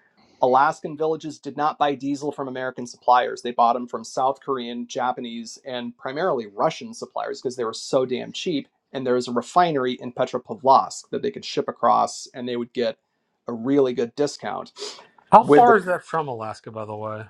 Speaker 9: Alaskan villages did not buy diesel from American suppliers. They bought them from South Korean, Japanese, and primarily Russian suppliers because they were so damn cheap and there was a refinery in Petropavlovsk that they could ship across, and they would get a really good discount.
Speaker 4: How
Speaker 9: With
Speaker 4: far
Speaker 9: the
Speaker 4: is that from Alaska, by the way?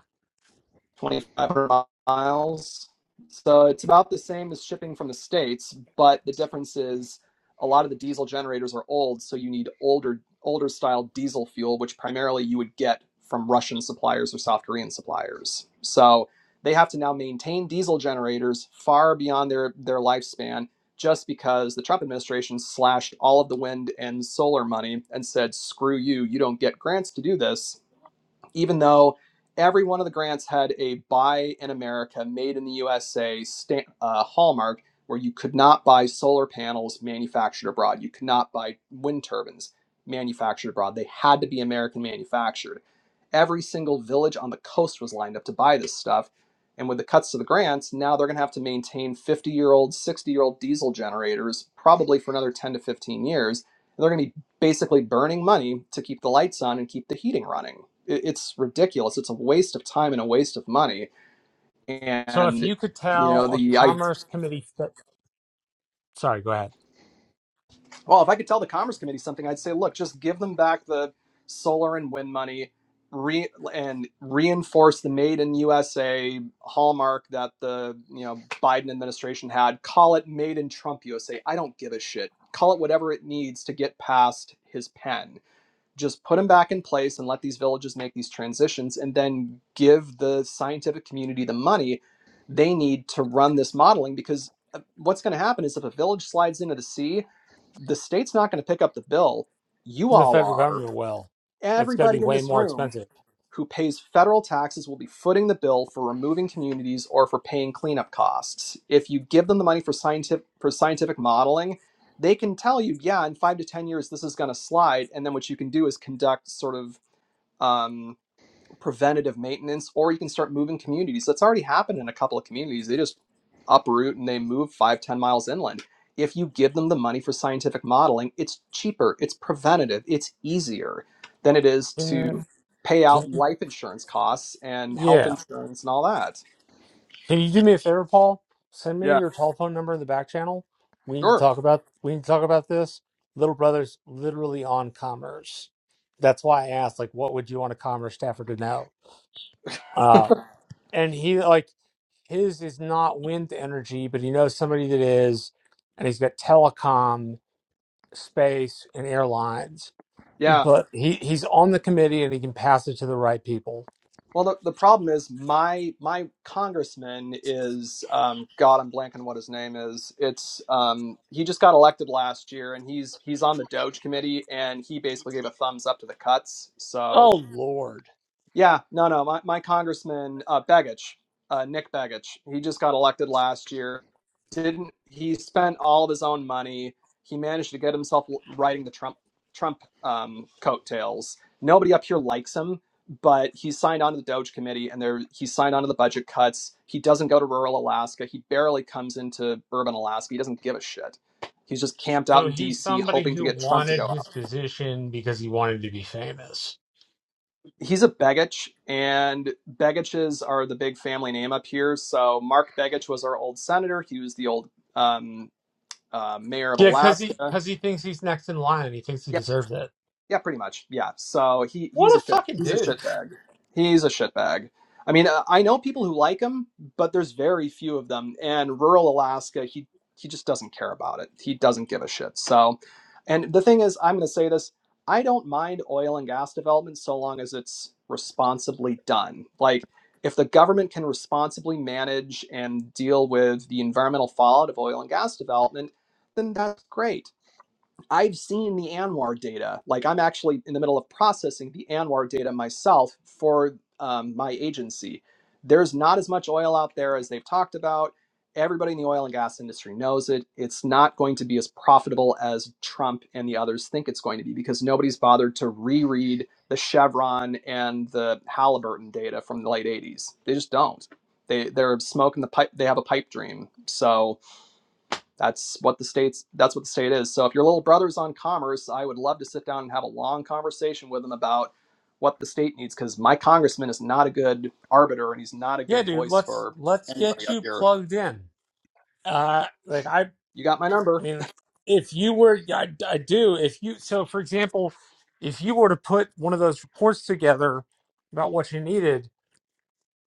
Speaker 9: 2,500 miles. So it's about the same as shipping from the States, but the difference is a lot of the diesel generators are old, so you need older older style diesel fuel, which primarily you would get from Russian suppliers or South Korean suppliers. So they have to now maintain diesel generators far beyond their, their lifespan just because the Trump administration slashed all of the wind and solar money and said, screw you, you don't get grants to do this even though every one of the grants had a buy in America, made in the USA sta uh, hallmark, where you could not buy solar panels manufactured abroad, you could not buy wind turbines manufactured abroad. They had to be American manufactured. Every single village on the coast was lined up to buy this stuff. And with the cuts to the grants, now they're going to have to maintain 50 year old, 60 year old diesel generators probably for another 10 to 15 years. And they're going to be basically burning money to keep the lights on and keep the heating running it's ridiculous. It's a waste of time and a waste of money.
Speaker 4: So, if
Speaker 9: And
Speaker 4: you could
Speaker 9: you know
Speaker 4: tell a
Speaker 9: the I
Speaker 4: Commerce Committee, fe- sorry, go ahead,
Speaker 9: well, if I could tell the Commerce Committee something, I'd say, look, just give them back the solar and wind money, re, and reinforce the Made in USA hallmark that the you know Biden administration had. Call it Made in Trump USA. I don't give a shit. Call it whatever it needs to get past his pen just put them back in place and let these villages make these transitions and then give the scientific community the money they need to run this modeling because uh, what's going to happen is if a village slides into the sea the state's not going to pick up the bill you
Speaker 4: the
Speaker 9: all
Speaker 4: federal
Speaker 9: are
Speaker 4: government, will. it's going to be
Speaker 9: everybody in
Speaker 4: way
Speaker 9: this
Speaker 4: more
Speaker 9: room
Speaker 4: expensive.
Speaker 9: who pays federal taxes will be footing the bill for removing communities or for paying cleanup costs. If you give them the money for scientific for scientific modeling, they can tell you, yeah, in five to ten years this is going to slide, and then what you can do is conduct sort of um, preventative maintenance, or you can start moving communities. That's already happened in a couple of communities. They just uproot and they move five, ten miles inland. If you give them the money for scientific modeling, it's cheaper, it's preventative, it's easier than it is
Speaker 4: Can,
Speaker 9: to pay
Speaker 4: can
Speaker 9: out
Speaker 4: you?
Speaker 9: life insurance costs and health
Speaker 4: Yeah.
Speaker 9: insurance and all that.
Speaker 4: Can you do me a favor, Paul? Send me
Speaker 9: Yeah,
Speaker 4: your telephone number in the back channel. We need to
Speaker 9: sure.
Speaker 4: talk about we need to talk about this. Little brother's literally on commerce. That's why I asked, like, what would you want a commerce staffer to know? Uh, and he like his is not wind energy, but he knows somebody that is, and he's got telecom, space, and airlines.
Speaker 9: yeah.
Speaker 4: But he he's on the committee and he can pass it to the right people.
Speaker 9: Well, the, the problem is my my congressman is um, God. I'm blanking what his name is. It's um, he just got elected last year, and he's he's on the Doge committee, and he basically gave a thumbs up to the cuts. So
Speaker 4: Oh Lord.
Speaker 9: yeah, no, no. My, my congressman, uh, Begich, uh, Nick Begich, he just got elected last year. Didn't he spent all of his own money? He managed to get himself riding the Trump Trump um, coattails. Nobody up here likes him, but he signed on to the Doge Committee, and there he signed on to the budget cuts. He doesn't go to rural Alaska. He barely comes into urban Alaska. He doesn't give a shit. He's just camped out
Speaker 4: So
Speaker 9: in
Speaker 4: he's
Speaker 9: D.C.
Speaker 4: somebody
Speaker 9: hoping to
Speaker 4: who
Speaker 9: get Trump to
Speaker 4: wanted
Speaker 9: go.
Speaker 4: his position because he wanted to be famous.
Speaker 9: he's a Begich, and Begiches are the big family name up here. So Mark Begich was our old senator. He was the old um, uh, mayor of
Speaker 4: Yeah, because
Speaker 9: Alaska.
Speaker 4: he
Speaker 9: Yep.
Speaker 4: because he thinks he's next in line he thinks he deserves it.
Speaker 9: Yeah, pretty much. Yeah. So he he's
Speaker 4: What
Speaker 9: a
Speaker 4: a
Speaker 9: shit
Speaker 4: fucking
Speaker 9: he's a
Speaker 4: douche.
Speaker 9: shitbag. He's a shitbag. I mean, uh, I know people who like him, but there's very few of them. And rural Alaska, he he just doesn't care about it. He doesn't give a shit. So, and the thing is, I'm going to say this: I don't mind oil and gas development so long as it's responsibly done. Like, if the government can responsibly manage and deal with the environmental fallout of oil and gas development, then that's great I've seen the Anwar data. Like I'm actually in the middle of processing the Anwar data myself for um, my agency. There's not as much oil out there as they've talked about. Everybody in the oil and gas industry knows it. It's not going to be as profitable as Trump and the others think it's going to be because nobody's bothered to reread the Chevron and the Halliburton data from the late 80s. They just don't. They they're smoking the pipe. They have a pipe dream. So that's what the state's that's what the state is. So if your little brother's on commerce, I would love to sit down and have a long conversation with him about what the state needs because my congressman is not a good arbiter and he's not a
Speaker 4: Yeah,
Speaker 9: good
Speaker 4: dude,
Speaker 9: voice
Speaker 4: let's
Speaker 9: for
Speaker 4: let's
Speaker 9: anybody
Speaker 4: get
Speaker 9: up
Speaker 4: you
Speaker 9: here.
Speaker 4: plugged in. Uh like I
Speaker 9: You got my
Speaker 4: I
Speaker 9: number.
Speaker 4: mean if you were yeah, I, I do if you so for example, if you were to put one of those reports together about what you needed,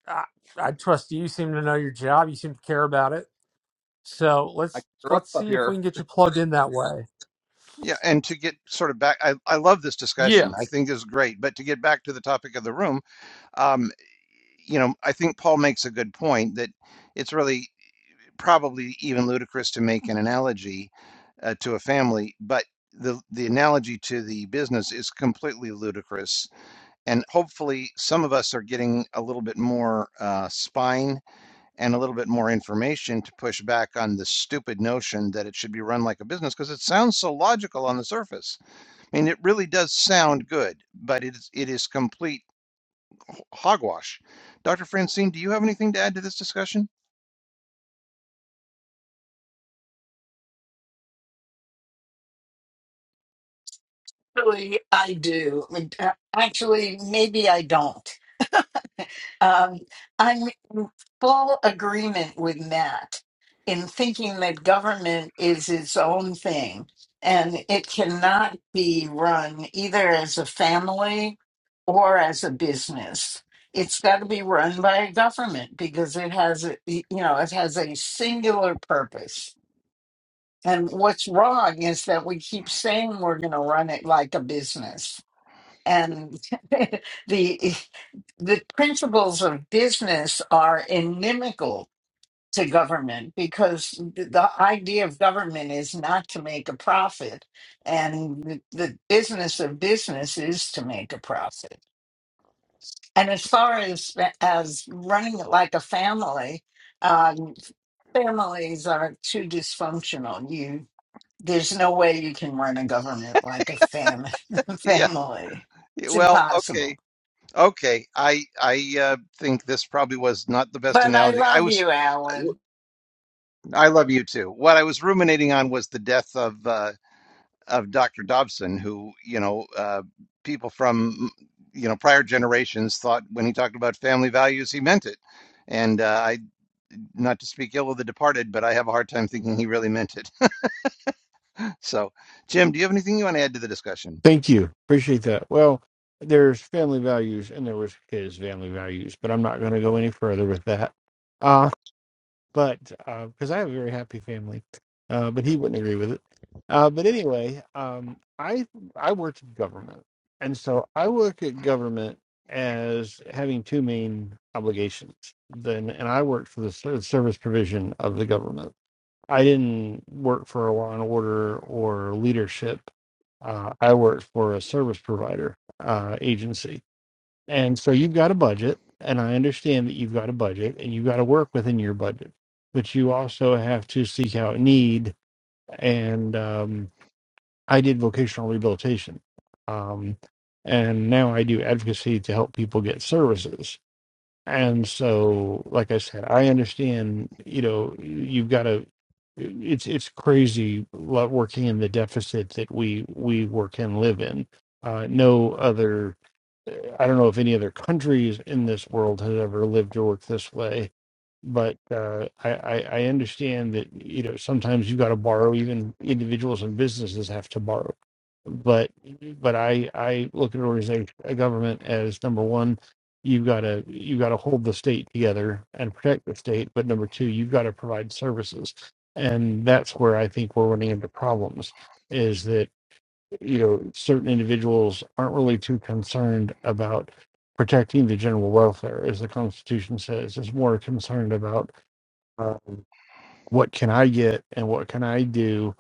Speaker 4: I, I trust you. You seem to know your job. You seem to care about it. So
Speaker 9: I
Speaker 4: let's
Speaker 9: grew up
Speaker 4: let's
Speaker 9: up
Speaker 4: see if
Speaker 9: here.
Speaker 4: we can get you plugged in that way.
Speaker 1: Yeah, and to get sort of back, I, I love this
Speaker 4: Yeah.
Speaker 1: discussion. I think this is great. But to get back to the topic of the room, um, you know, I think Paul makes a good point that it's really probably even ludicrous to make an analogy uh, to a family, but the the analogy to the business is completely ludicrous. And hopefully, some of us are getting a little bit more uh, spine and a little bit more information to push back on the stupid notion that it should be run like a business because it sounds so logical on the surface. I mean, it really does sound good, but it is, it is complete hogwash. Dr. Francine, do you have anything to add to this discussion?
Speaker 10: Actually, I do. Uh, Actually, maybe I don't. Um, I'm in full agreement with Matt in thinking that government is its own thing and it cannot be run either as a family or as a business. It's got to be run by a government because it has, a, you know, it has a singular purpose. And what's wrong is that we keep saying we're going to run it like a business and the the principles of business are inimical to government because the the idea of government is not to make a profit and the the business of business is to make a profit and as far as as running it like a family um, families are too dysfunctional you there's no way you can run a government like a fam-
Speaker 1: Yeah.
Speaker 10: family
Speaker 1: yeah,
Speaker 10: it's
Speaker 1: Well,
Speaker 10: impossible
Speaker 1: okay. Okay. I I uh, think this probably was not the best
Speaker 10: But I
Speaker 1: analogy. I
Speaker 10: love
Speaker 1: was
Speaker 10: you,
Speaker 1: I
Speaker 10: Alan.
Speaker 1: w- I love you too. What I was ruminating on was the death of uh, of Dr. Dobson, who, you know, uh, people from, mm, you know, prior generations thought when he talked about family values, he meant it. And uh, I, not to speak ill of the departed, but I have a hard time thinking he really meant it. So, Jim, do you have anything you want to add to the discussion?
Speaker 11: Thank you. Appreciate that. Well, there's family values and there was his family values, but I'm not going to go any further with that. Uh, but because I have a very happy family, uh, but he wouldn't agree with it. Uh, but anyway, um, I I worked in government, and so I look at government as having two main obligations. Then, and I worked for the ser- service provision of the government. I didn't work for a law and order or leadership. Uh, I worked for a service provider uh, agency. And so you've got a budget, and I understand that you've got a budget and you've got to work within your budget, but you also have to seek out need. And um, I did vocational rehabilitation. Um, and now I do advocacy to help people get services and so, like I said, I understand, you know, you've got to it's it's crazy lo- working in the deficit that we we work and live in. Uh, no other I don't know if any other countries in this world has ever lived or worked this way, but uh, I, I, I understand that you know sometimes you've got to borrow. Even individuals and businesses have to borrow. But but I I look at an organization a government as number one, you've got to you've got to hold the state together and protect the state. But number two, you've got to provide services, and that's where I think we're running into problems. Is that you know certain individuals aren't really too concerned about protecting the general welfare as the constitution says is more concerned about um, what can i get and what can i do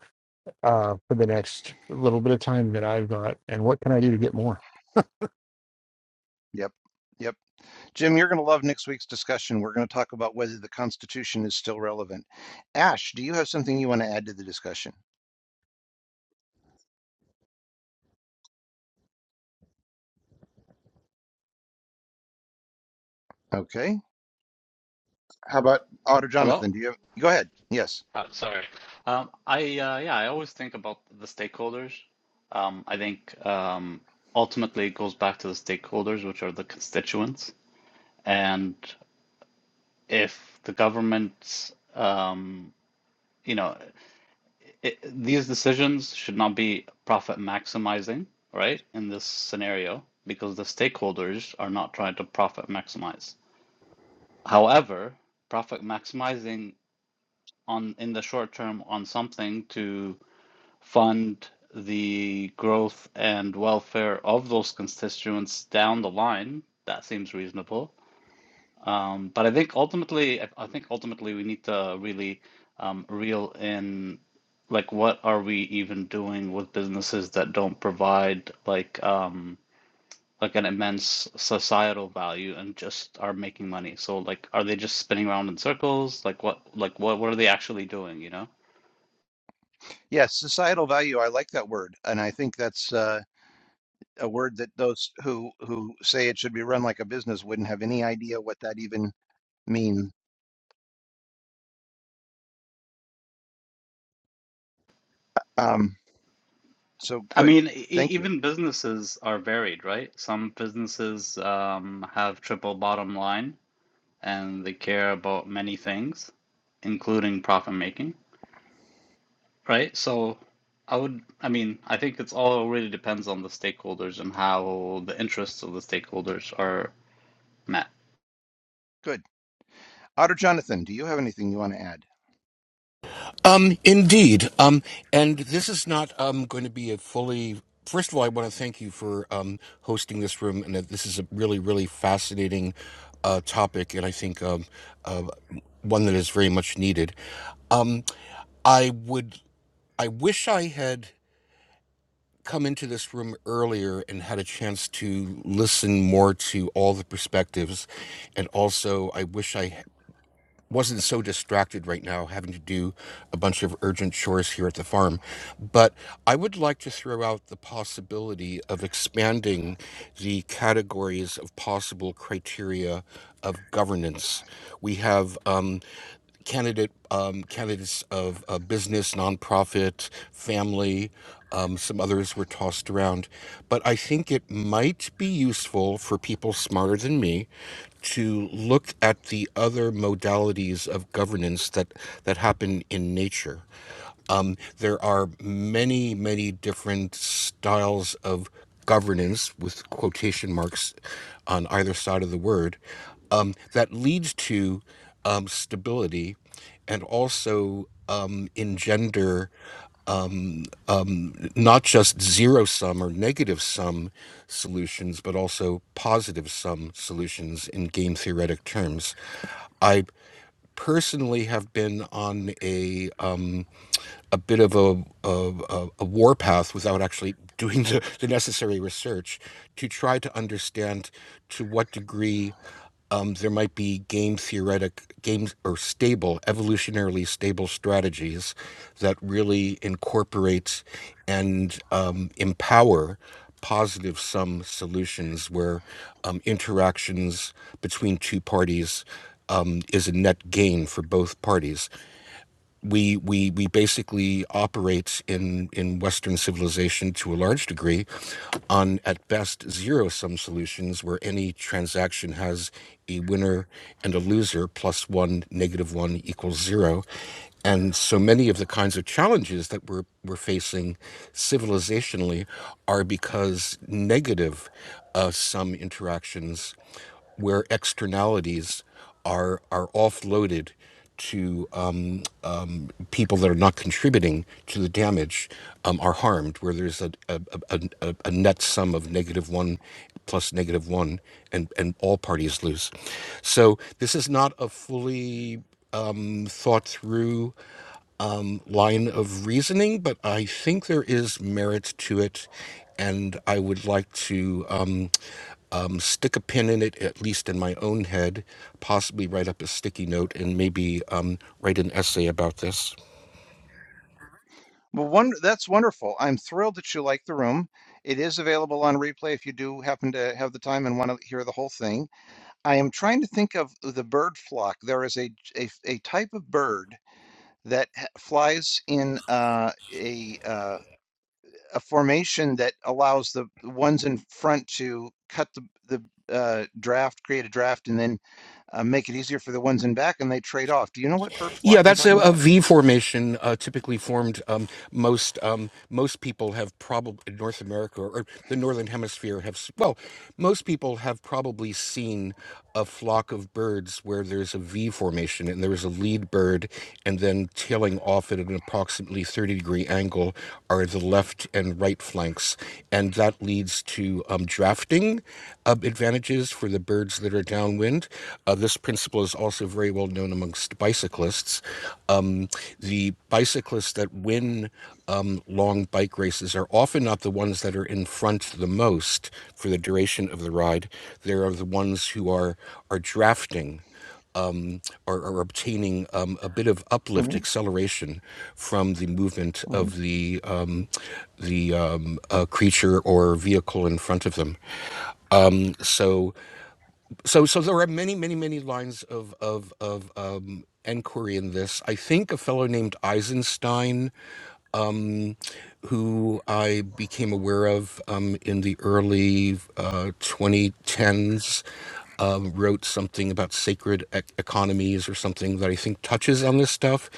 Speaker 11: uh, for the next little bit of time that i've got and what can i do to get more
Speaker 1: Yep. Yep. Jim, you're going to love next week's discussion. We're going to talk about whether the Constitution is still relevant. Ash, do you have something you want to add to the discussion? Okay. How about Otter
Speaker 12: Hello?
Speaker 1: Jonathan? Do you have, go ahead. Yes.
Speaker 12: Uh, sorry. Um, I uh, yeah, I always think about the stakeholders. Um, I think um, ultimately it goes back to the stakeholders, which are the constituents. And if the government, um, you know, it, these decisions should not be profit maximizing, right? In this scenario, because the stakeholders are not trying to profit maximize. However, profit maximizing on in the short term on something to fund the growth and welfare of those constituents down the line. That seems reasonable. Um, but I think ultimately, I think ultimately we need to really um, reel in, like, what are we even doing with businesses that don't provide like um, like an immense societal value and just are making money? So like, are they just spinning around in circles? Like what like what what are they actually doing, you know?
Speaker 1: Yes, societal value. I like that word, and I think that's uh, a word that those who who say it should be run like a business wouldn't have any idea what that even mean. Um, so
Speaker 12: I
Speaker 1: good,
Speaker 12: mean, e- e,
Speaker 1: thank you.
Speaker 12: even businesses are varied, right? Some businesses um, have triple bottom line and they care about many things, including profit making, right? So I would, I mean, I think it's all really depends on the stakeholders and how the interests of the stakeholders are met.
Speaker 1: Good, Otter Jonathan. Do you have anything you want to add?
Speaker 13: Um, indeed. Um, and this is not um going to be a fully. First of all, I want to thank you for um hosting this room, and that this is a really, really fascinating uh, topic, and I think um uh, one that is very much needed. Um, I would. I wish I had come into this room earlier and had a chance to listen more to all the perspectives, and also I wish I wasn't so distracted right now having to do a bunch of urgent chores here at the farm but i would like to throw out the possibility of expanding the categories of possible criteria of governance we have um, candidate um, candidates of uh, business, nonprofit, family. Um, some others were tossed around, but I think it might be useful for people smarter than me to look at the other modalities of governance that that happen in nature. Um, there are many, many different styles of governance with quotation marks on either side of the word um, that leads to um, stability and also um, engender um, not just zero sum or negative sum solutions, but also positive sum solutions in game theoretic terms. I personally have been on a um, a bit of a, a, a, warpath without actually doing the, the necessary research to try to understand to what degree um, there might be game theoretic games or stable evolutionarily stable strategies that really incorporate and um, empower positive sum solutions where um, interactions between two parties um, is a net gain for both parties we we we basically operate in in Western civilization to a large degree on at best zero sum solutions where any transaction has a winner and a loser plus one negative one equals zero. And so many of the kinds of challenges that we're we're facing civilizationally are because negative uh, sum interactions where externalities are are offloaded to um, um, people that are not contributing to the damage um, are harmed, where there's a, a, a, a a net sum of negative one plus negative one, and, and all parties lose. So this is not a fully um, thought through um, line of reasoning, but I think there is merit to it, and I would like to um, um, stick a pin in it, at least in my own head, possibly write up a sticky note and maybe um, write an essay about this.
Speaker 1: Well, one that's wonderful. I'm thrilled that you like the room. It is available on replay if you do happen to have the time and want to hear the whole thing. I am trying to think of the bird flock. There is a a, a type of bird that h- flies in uh, a uh, a formation that allows the, the ones in front to cut the, the uh, draft, create a draft, and then uh, make it easier for the ones in back, and they trade off. Do you know what bird
Speaker 13: Yeah,
Speaker 1: flock I'm
Speaker 13: that's a,
Speaker 1: talking
Speaker 13: a
Speaker 1: about?
Speaker 13: V formation, uh, typically formed. Um, most um, most people have probably in North America or the northern hemisphere have. s- Well, most people have probably seen a flock of birds where there's a V formation and there is a lead bird, and then tailing off at an approximately thirty degree angle are the left and right flanks, and that leads to um, drafting um, advantages for the birds that are downwind. Uh, this principle is also very well known amongst bicyclists. Um, the bicyclists that win um, long bike races are often not the ones that are in front the most for the duration of the ride. They are the ones who are are drafting are, are obtaining um, a bit of uplift,
Speaker 1: Mhm,
Speaker 13: acceleration from the movement
Speaker 1: mhm.
Speaker 13: of the um, the um, uh, creature or vehicle in front of them. So, so, so there are many, many, many lines of of of um, inquiry in this. I think a fellow named Eisenstein who I became aware of um, in the early uh, 2010s, um, wrote something about sacred e- economies or something that I think touches on this stuff.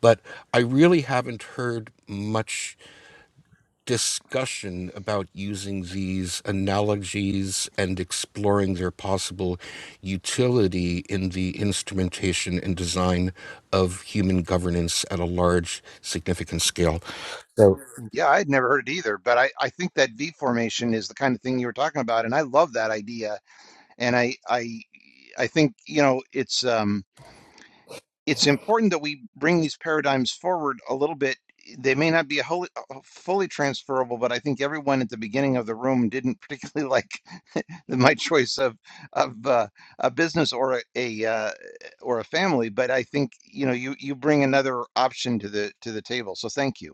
Speaker 13: But I really haven't heard much discussion about using these analogies and exploring their possible utility in the instrumentation and design of human governance at a large, significant scale.
Speaker 1: Yeah, I had never heard it either, but I, I think that V formation is the kind of thing you were talking about, and I love that idea. And I I I think, you know, it's um it's important that we bring these paradigms forward a little bit. They may not be a wholly, uh, fully transferable, but I think everyone at the beginning of the room didn't particularly like my choice of of uh, a business or a, a uh, or a family. But I think you know you you bring another option to the to the table. So thank you.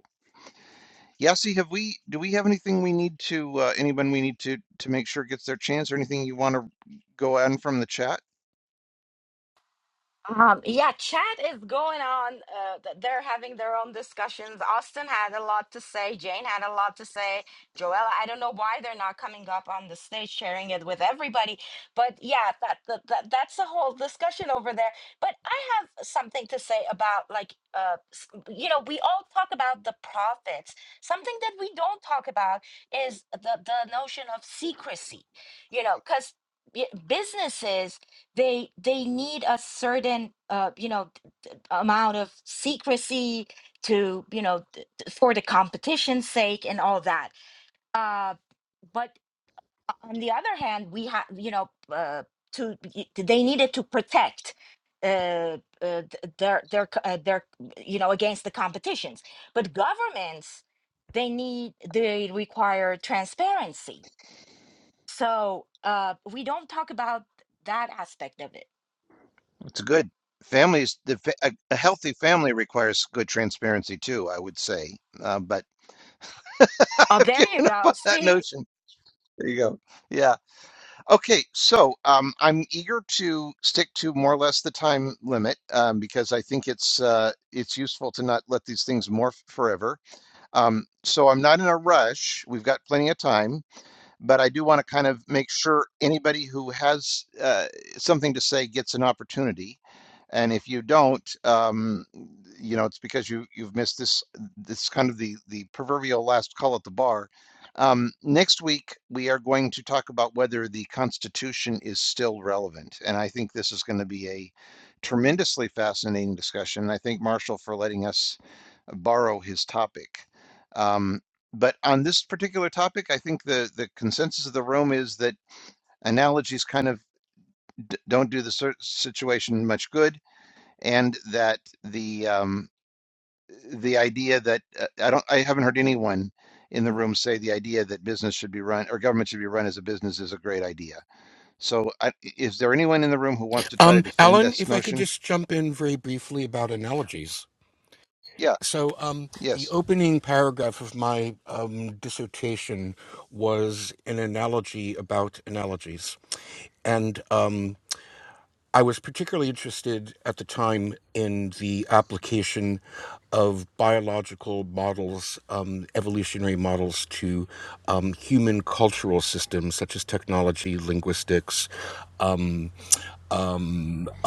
Speaker 1: Yasi, have we, do we have anything we need to, uh, anyone we need to, to make sure gets their chance or anything you want to go on from the chat?
Speaker 3: Um, yeah, chat is going on. Uh, th- they're having their own discussions. Austin had a lot to say. Jane had a lot to say. Joella, I don't know why they're not coming up on the stage sharing it with everybody. But yeah, that, that, that that's the whole discussion over there. But I have something to say about like uh, s- you know, we all talk about the profits. Something that we don't talk about is the the notion of secrecy. You know, because businesses they they need a certain uh, you know t- amount of secrecy to you know t- t- for the competition's sake and all that uh, but on the other hand we have you know uh, to y- they needed to protect uh, uh, th- their their c- uh, their you know against the competitions but governments they need they require transparency so uh, we don't talk about that aspect of it
Speaker 1: It's good. Families, the, fa- a, a healthy family requires good transparency too, I would say. Uh, but
Speaker 3: oh
Speaker 1: I've
Speaker 3: there you
Speaker 1: given up
Speaker 3: go
Speaker 1: on that
Speaker 3: see
Speaker 1: notion. There you go. Yeah. Okay. So, um, I'm eager to stick to more or less the time limit, um, because I think it's, uh, it's useful to not let these things morph forever. Um, so I'm not in a rush. We've got plenty of time. but I do want to kind of make sure anybody who has uh, something to say gets an opportunity. And if you don't, um, you know, it's because you you've missed this this kind of the the proverbial last call at the bar. Um, next week we are going to talk about whether the Constitution is still relevant, and I think this is going to be a tremendously fascinating discussion. I thank Marshall for letting us borrow his topic. Um, but on this particular topic, I think the, the consensus of the room is that analogies kind of d- don't do the cer- situation much good, and that the um, the idea that uh, I don't I haven't heard anyone in the room say the idea that business should be run or government should be run as a business is a great idea. So, I, is there anyone in the room who wants to try to
Speaker 13: Um,
Speaker 1: defend
Speaker 13: Alan,
Speaker 1: this
Speaker 13: if I could
Speaker 1: notion?
Speaker 13: just jump in very briefly about analogies.
Speaker 1: Yeah.
Speaker 13: So, um, the
Speaker 1: Yes.
Speaker 13: opening paragraph of my um, dissertation was an analogy about analogies. And um, I was particularly interested at the time in the application of biological models, um, evolutionary models, to um, human cultural systems such as technology, linguistics,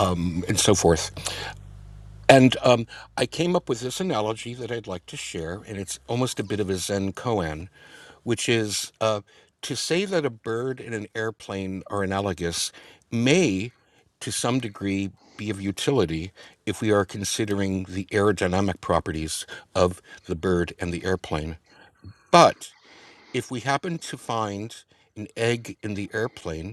Speaker 13: um, and so forth. And um, I came up with this analogy that I'd like to share, and it's almost a bit of a Zen koan, which is uh, to say that a bird and an airplane are analogous may, to some degree, be of utility if we are considering the aerodynamic properties of the bird and the airplane. But if we happen to find an egg in the airplane,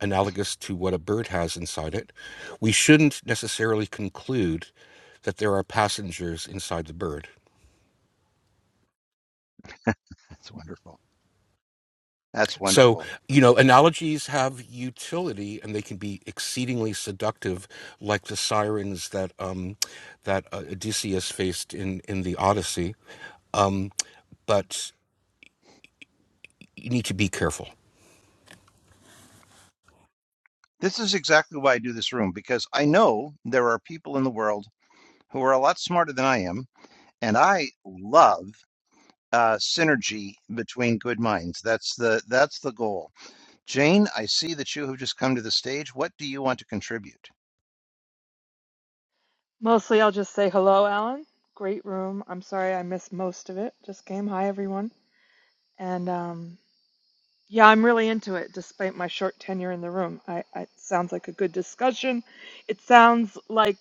Speaker 13: analogous to what a bird has inside it, we shouldn't necessarily conclude that there are passengers inside the bird.
Speaker 1: That's wonderful. That's
Speaker 13: So,
Speaker 1: wonderful.
Speaker 13: you know, analogies have utility and they can be exceedingly seductive, like the sirens that um, that uh, Odysseus faced in in the Odyssey. Um, but you need to be careful.
Speaker 1: This is exactly why I do this room, because I know there are people in the world who are a lot smarter than I am, and I love uh, synergy between good minds. That's the that's the goal. Jane, I see that you have just come to the stage. What do you want to contribute?
Speaker 14: Mostly, I'll just say hello, Alan. Great room. I'm sorry I missed most of it. Just came. Hi, everyone. And um, yeah, I'm really into it, despite my short tenure in the room. I, I, it sounds like a good discussion. It sounds like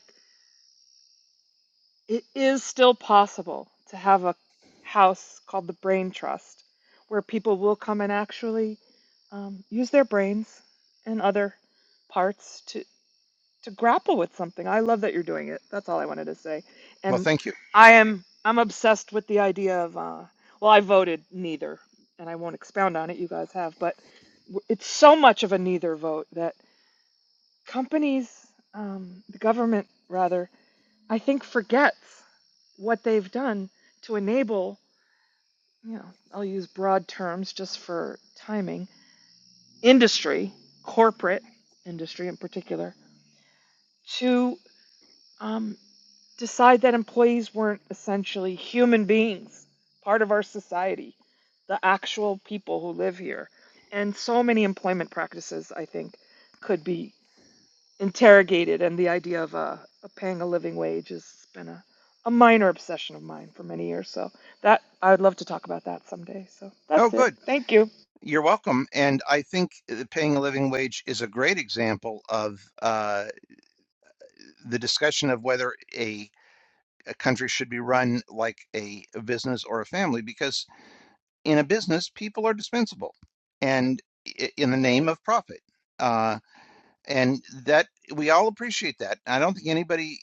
Speaker 14: it is still possible to have a house called the Brain Trust, where people will come and actually um, use their brains and other parts to. to grapple with something. I love that you're doing it. That's all I wanted to say.
Speaker 1: Well,
Speaker 14: And
Speaker 1: thank you.
Speaker 14: I am I'm obsessed with the idea of uh well, I voted neither, and I won't expound on it. You guys have, but w- it's so much of a neither vote that companies, um, the government rather, I think forgets what they've done to enable, you know, I'll use broad terms just for timing, industry, corporate industry in particular, to. Um, decide that employees weren't essentially human beings, part of our society, the actual people who live here. And so many employment practices, I think, could be interrogated. And the idea of uh, a paying a living wage has been a, a minor obsession of mine for many years. So that I would love to talk about that someday. So
Speaker 1: Oh,
Speaker 14: that's it.
Speaker 1: good.
Speaker 14: Thank you.
Speaker 1: You're welcome. And I think uh, paying a living wage is a great example of uh, the discussion of whether a a country should be run like a, a business or a family because in a business, people are dispensable, and i- in the name of profit, uh, and that we all appreciate that. I don't think anybody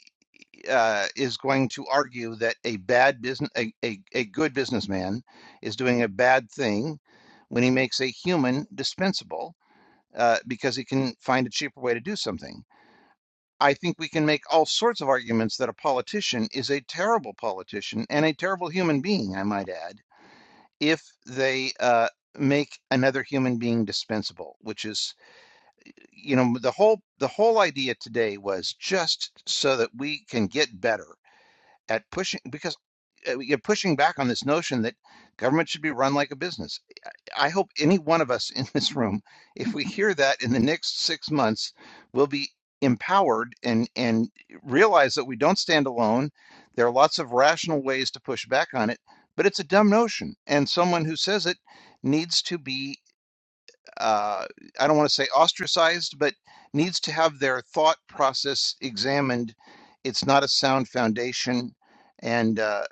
Speaker 1: uh, is going to argue that a bad business, a, a, a good businessman, is doing a bad thing when he makes a human dispensable uh, because he can find a cheaper way to do something. I think we can make all sorts of arguments that a politician is a terrible politician and a terrible human being, I might add if they uh, make another human being dispensable, which is, you know, the whole the whole idea today was just so that we can get better at pushing because uh, you're pushing back on this notion that government should be run like a business. I hope any one of us in this room, if we hear that in the next six months, will be empowered and and realize that we don't stand alone. There are lots of rational ways to push back on it, but it's a dumb notion, and someone who says it needs to be uh, I don't want to say ostracized, but needs to have their thought process examined. It's not a sound foundation, and uh,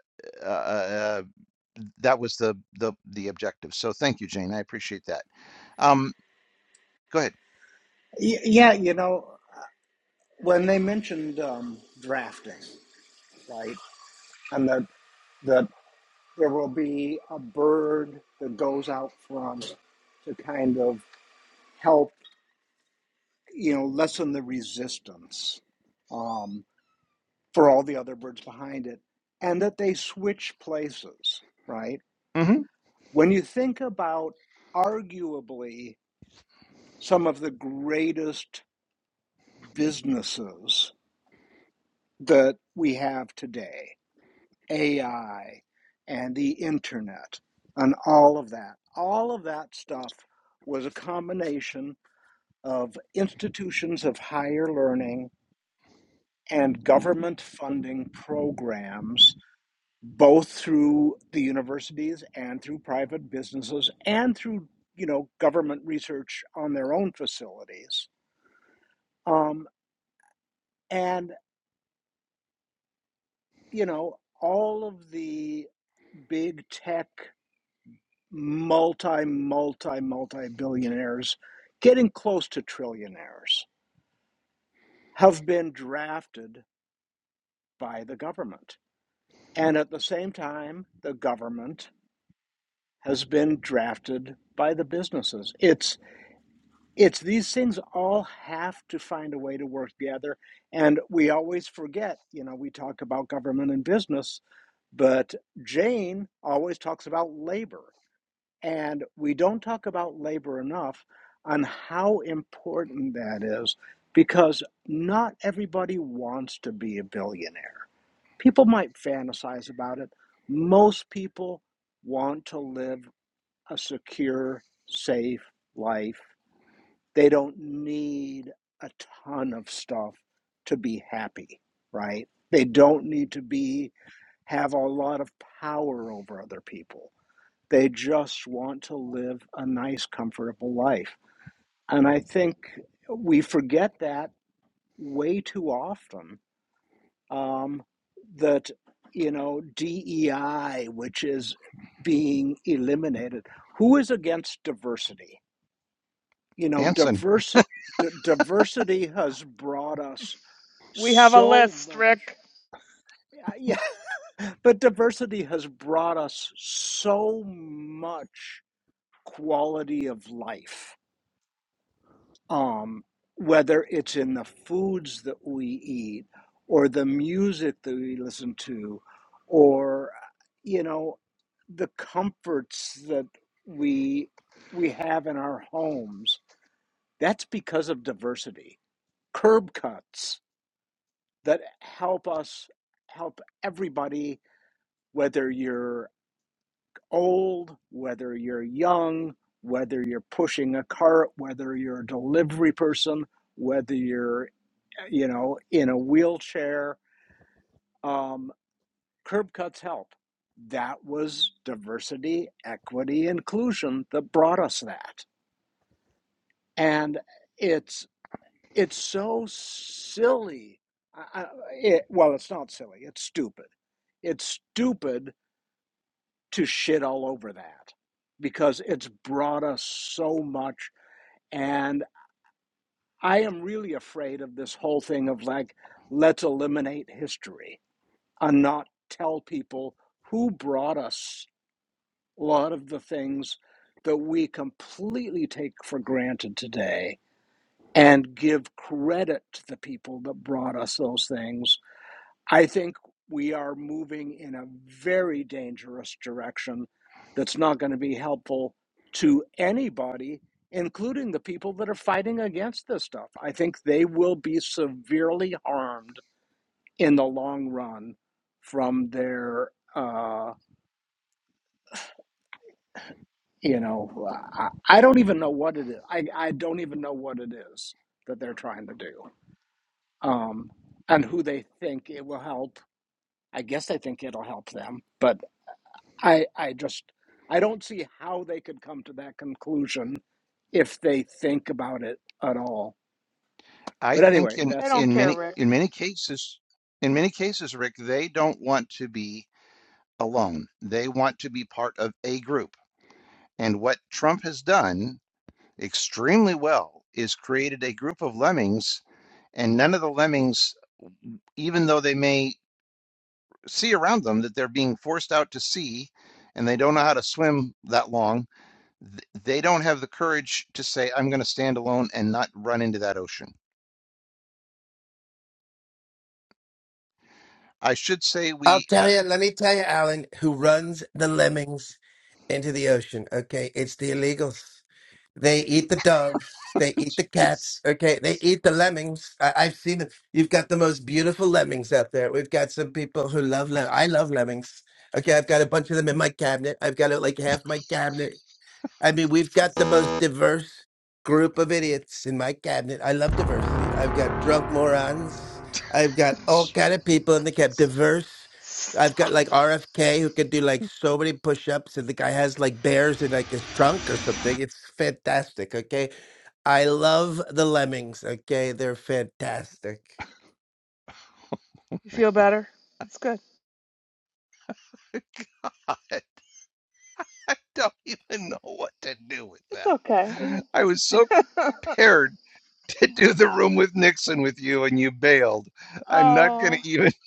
Speaker 1: uh, uh, that was the the the objective. So thank you, Jane. I appreciate that. Um, go ahead.
Speaker 7: yeah, you know, when they mentioned um, drafting, right, and that that there will be a bird that goes out front to kind of help, you know, lessen the resistance um, for all the other birds behind it, and that they switch places, right?
Speaker 1: hmm
Speaker 7: When you think about arguably some of the greatest businesses that we have today AI and the internet and all of that. All of that stuff was a combination of institutions of higher learning and government funding programs, both through the universities and through private businesses and through you know government research on their own facilities. Um, and you know all of the big tech multi, multi, multi billionaires, getting close to trillionaires, have been drafted by the government. And at the same time, the government has been drafted by the businesses. It's it's these things all have to find a way to work together. And we always forget, you know, we talk about government and business, but Jane always talks about labor. And we don't talk about labor enough on how important that is because not everybody wants to be a billionaire. People might fantasize about it. Most people want to live a secure, safe life. They don't need a ton of stuff to be happy, right? They don't need to be have a lot of power over other people they just want to live a nice, comfortable life. And I think we forget that way too often um, that, you know, DEI, which is being eliminated, who is against diversity? You know,
Speaker 1: Anson,
Speaker 7: diverse, d- diversity has brought us
Speaker 14: We have a
Speaker 7: so
Speaker 14: list,
Speaker 7: much.
Speaker 14: Rick.
Speaker 7: uh, Yeah, but diversity has brought us so much quality of life um, whether it's in the foods that we eat or the music that we listen to or you know the comforts that we we have in our homes that's because of diversity curb cuts that help us help everybody whether you're old whether you're young whether you're pushing a cart whether you're a delivery person whether you're you know, in a wheelchair. Um, curb cuts help. That was diversity, equity, inclusion that brought us that, and it's it's so silly. I, it, well, it's not silly. It's stupid. It's stupid to shit all over that because it's brought us so much. And I am really afraid of this whole thing of like, let's eliminate history and not tell people who brought us a lot of the things that we completely take for granted today and give credit to the people that brought us those things. I think we are moving in a very dangerous direction that's not going to be helpful to anybody, including the people that are fighting against this stuff. I think they will be severely harmed in the long run from their uh you know I, I don't even know what it is I, I don't even know what it is that they're trying to do um and who they think it will help i guess they think it'll help them but i i just i don't see how they could come to that conclusion if they think about it at all
Speaker 1: I
Speaker 7: but
Speaker 1: think
Speaker 7: anyway
Speaker 1: in
Speaker 14: They
Speaker 7: that's it
Speaker 14: don't
Speaker 1: in
Speaker 14: care,
Speaker 1: many
Speaker 14: Rick.
Speaker 1: in many cases, in many cases, Rick, they don't want to be alone. They want to be part of a group. And what Trump has done extremely well is created a group of lemmings, and none of the lemmings, even though they may see around them that they're being forced out to sea and they don't know how to swim that long, th- they don't have the courage to say, I'm going to stand alone and not run into that ocean. I should say
Speaker 6: I'll
Speaker 1: we
Speaker 6: tell
Speaker 1: have.
Speaker 6: you, let me tell you, Alan, who runs the lemmings into the ocean, okay? It's the illegals. They eat the doves. They eat the cats. Okay, they eat the lemmings. I, I've seen it. You've got the most beautiful lemmings out there. We've got some people who love lem. I love lemmings. Okay, I've got a bunch of them in my cabinet. I've got uh, like half my cabinet I mean, we've got the most diverse group of idiots in my cabinet. I love diversity. I've got drunk morons. I've got all kind of people in the cab. Diverse. I've got
Speaker 14: Stop.
Speaker 6: like RFK who can do like so many push-ups, and the guy has like bears in like his trunk or something. It's fantastic. Okay, I love the lemmings. Okay, they're fantastic.
Speaker 14: You feel better? It's good.
Speaker 1: God, I don't even know what to do with
Speaker 14: It's
Speaker 1: that.
Speaker 14: okay.
Speaker 1: I was so prepared to do the room with Nixon with you, and you bailed. I'm not going
Speaker 14: Oh,
Speaker 1: to even.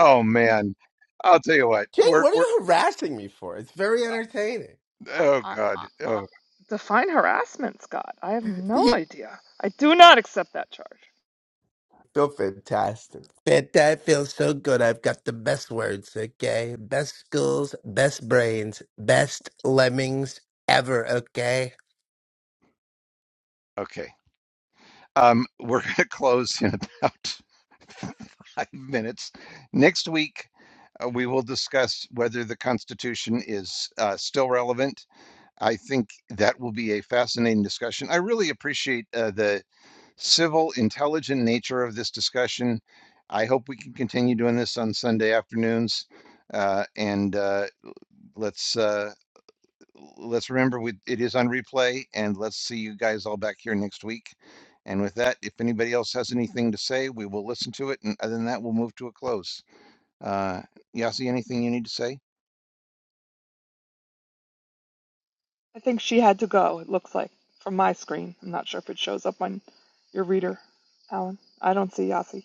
Speaker 1: Oh man, I'll tell you what.
Speaker 6: Jane,
Speaker 1: We're
Speaker 6: what are
Speaker 1: we're.
Speaker 6: you harassing me for? It's very entertaining.
Speaker 14: I,
Speaker 1: Oh
Speaker 14: I,
Speaker 1: God.
Speaker 14: I, I-
Speaker 1: Oh
Speaker 14: define harassment, Scott. I have no idea. I do not accept that charge.
Speaker 6: Feel fantastic. Fan- That feels so good. I've got the best words, okay? Best schools, best brains, best lemmings ever, okay?
Speaker 1: okay. Um, we're going to close in about five minutes. Next week, uh, we will discuss whether the Constitution is uh, still relevant. I think that will be a fascinating discussion. I really appreciate uh, the civil, intelligent nature of this discussion. I hope we can continue doing this on Sunday afternoons. Uh, and uh, let's uh, let's remember we, it is on replay and let's see you guys all back here next week. And with that, if anybody else has anything to say, we will listen to it. And other than that, we'll move to a close. Uh, Yasi, anything you need to say?
Speaker 14: I think she had to go, it looks like, from my screen. I'm not sure if it shows up on your reader, Alan. I don't see Yasi.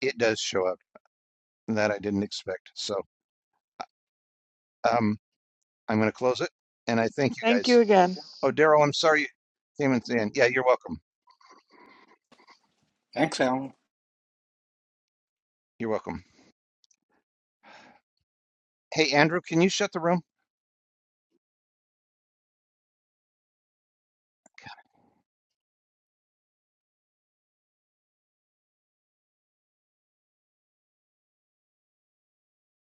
Speaker 1: It does show up that I didn't expect. So um, I'm going to close it. And I thank you
Speaker 14: Thank
Speaker 1: guys.
Speaker 14: you again.
Speaker 1: Oh, Daryl, I'm sorry you came in. at the end. Yeah, you're welcome.
Speaker 7: thanks alan
Speaker 1: You're welcome. Hey, Andrew, can you shut the room?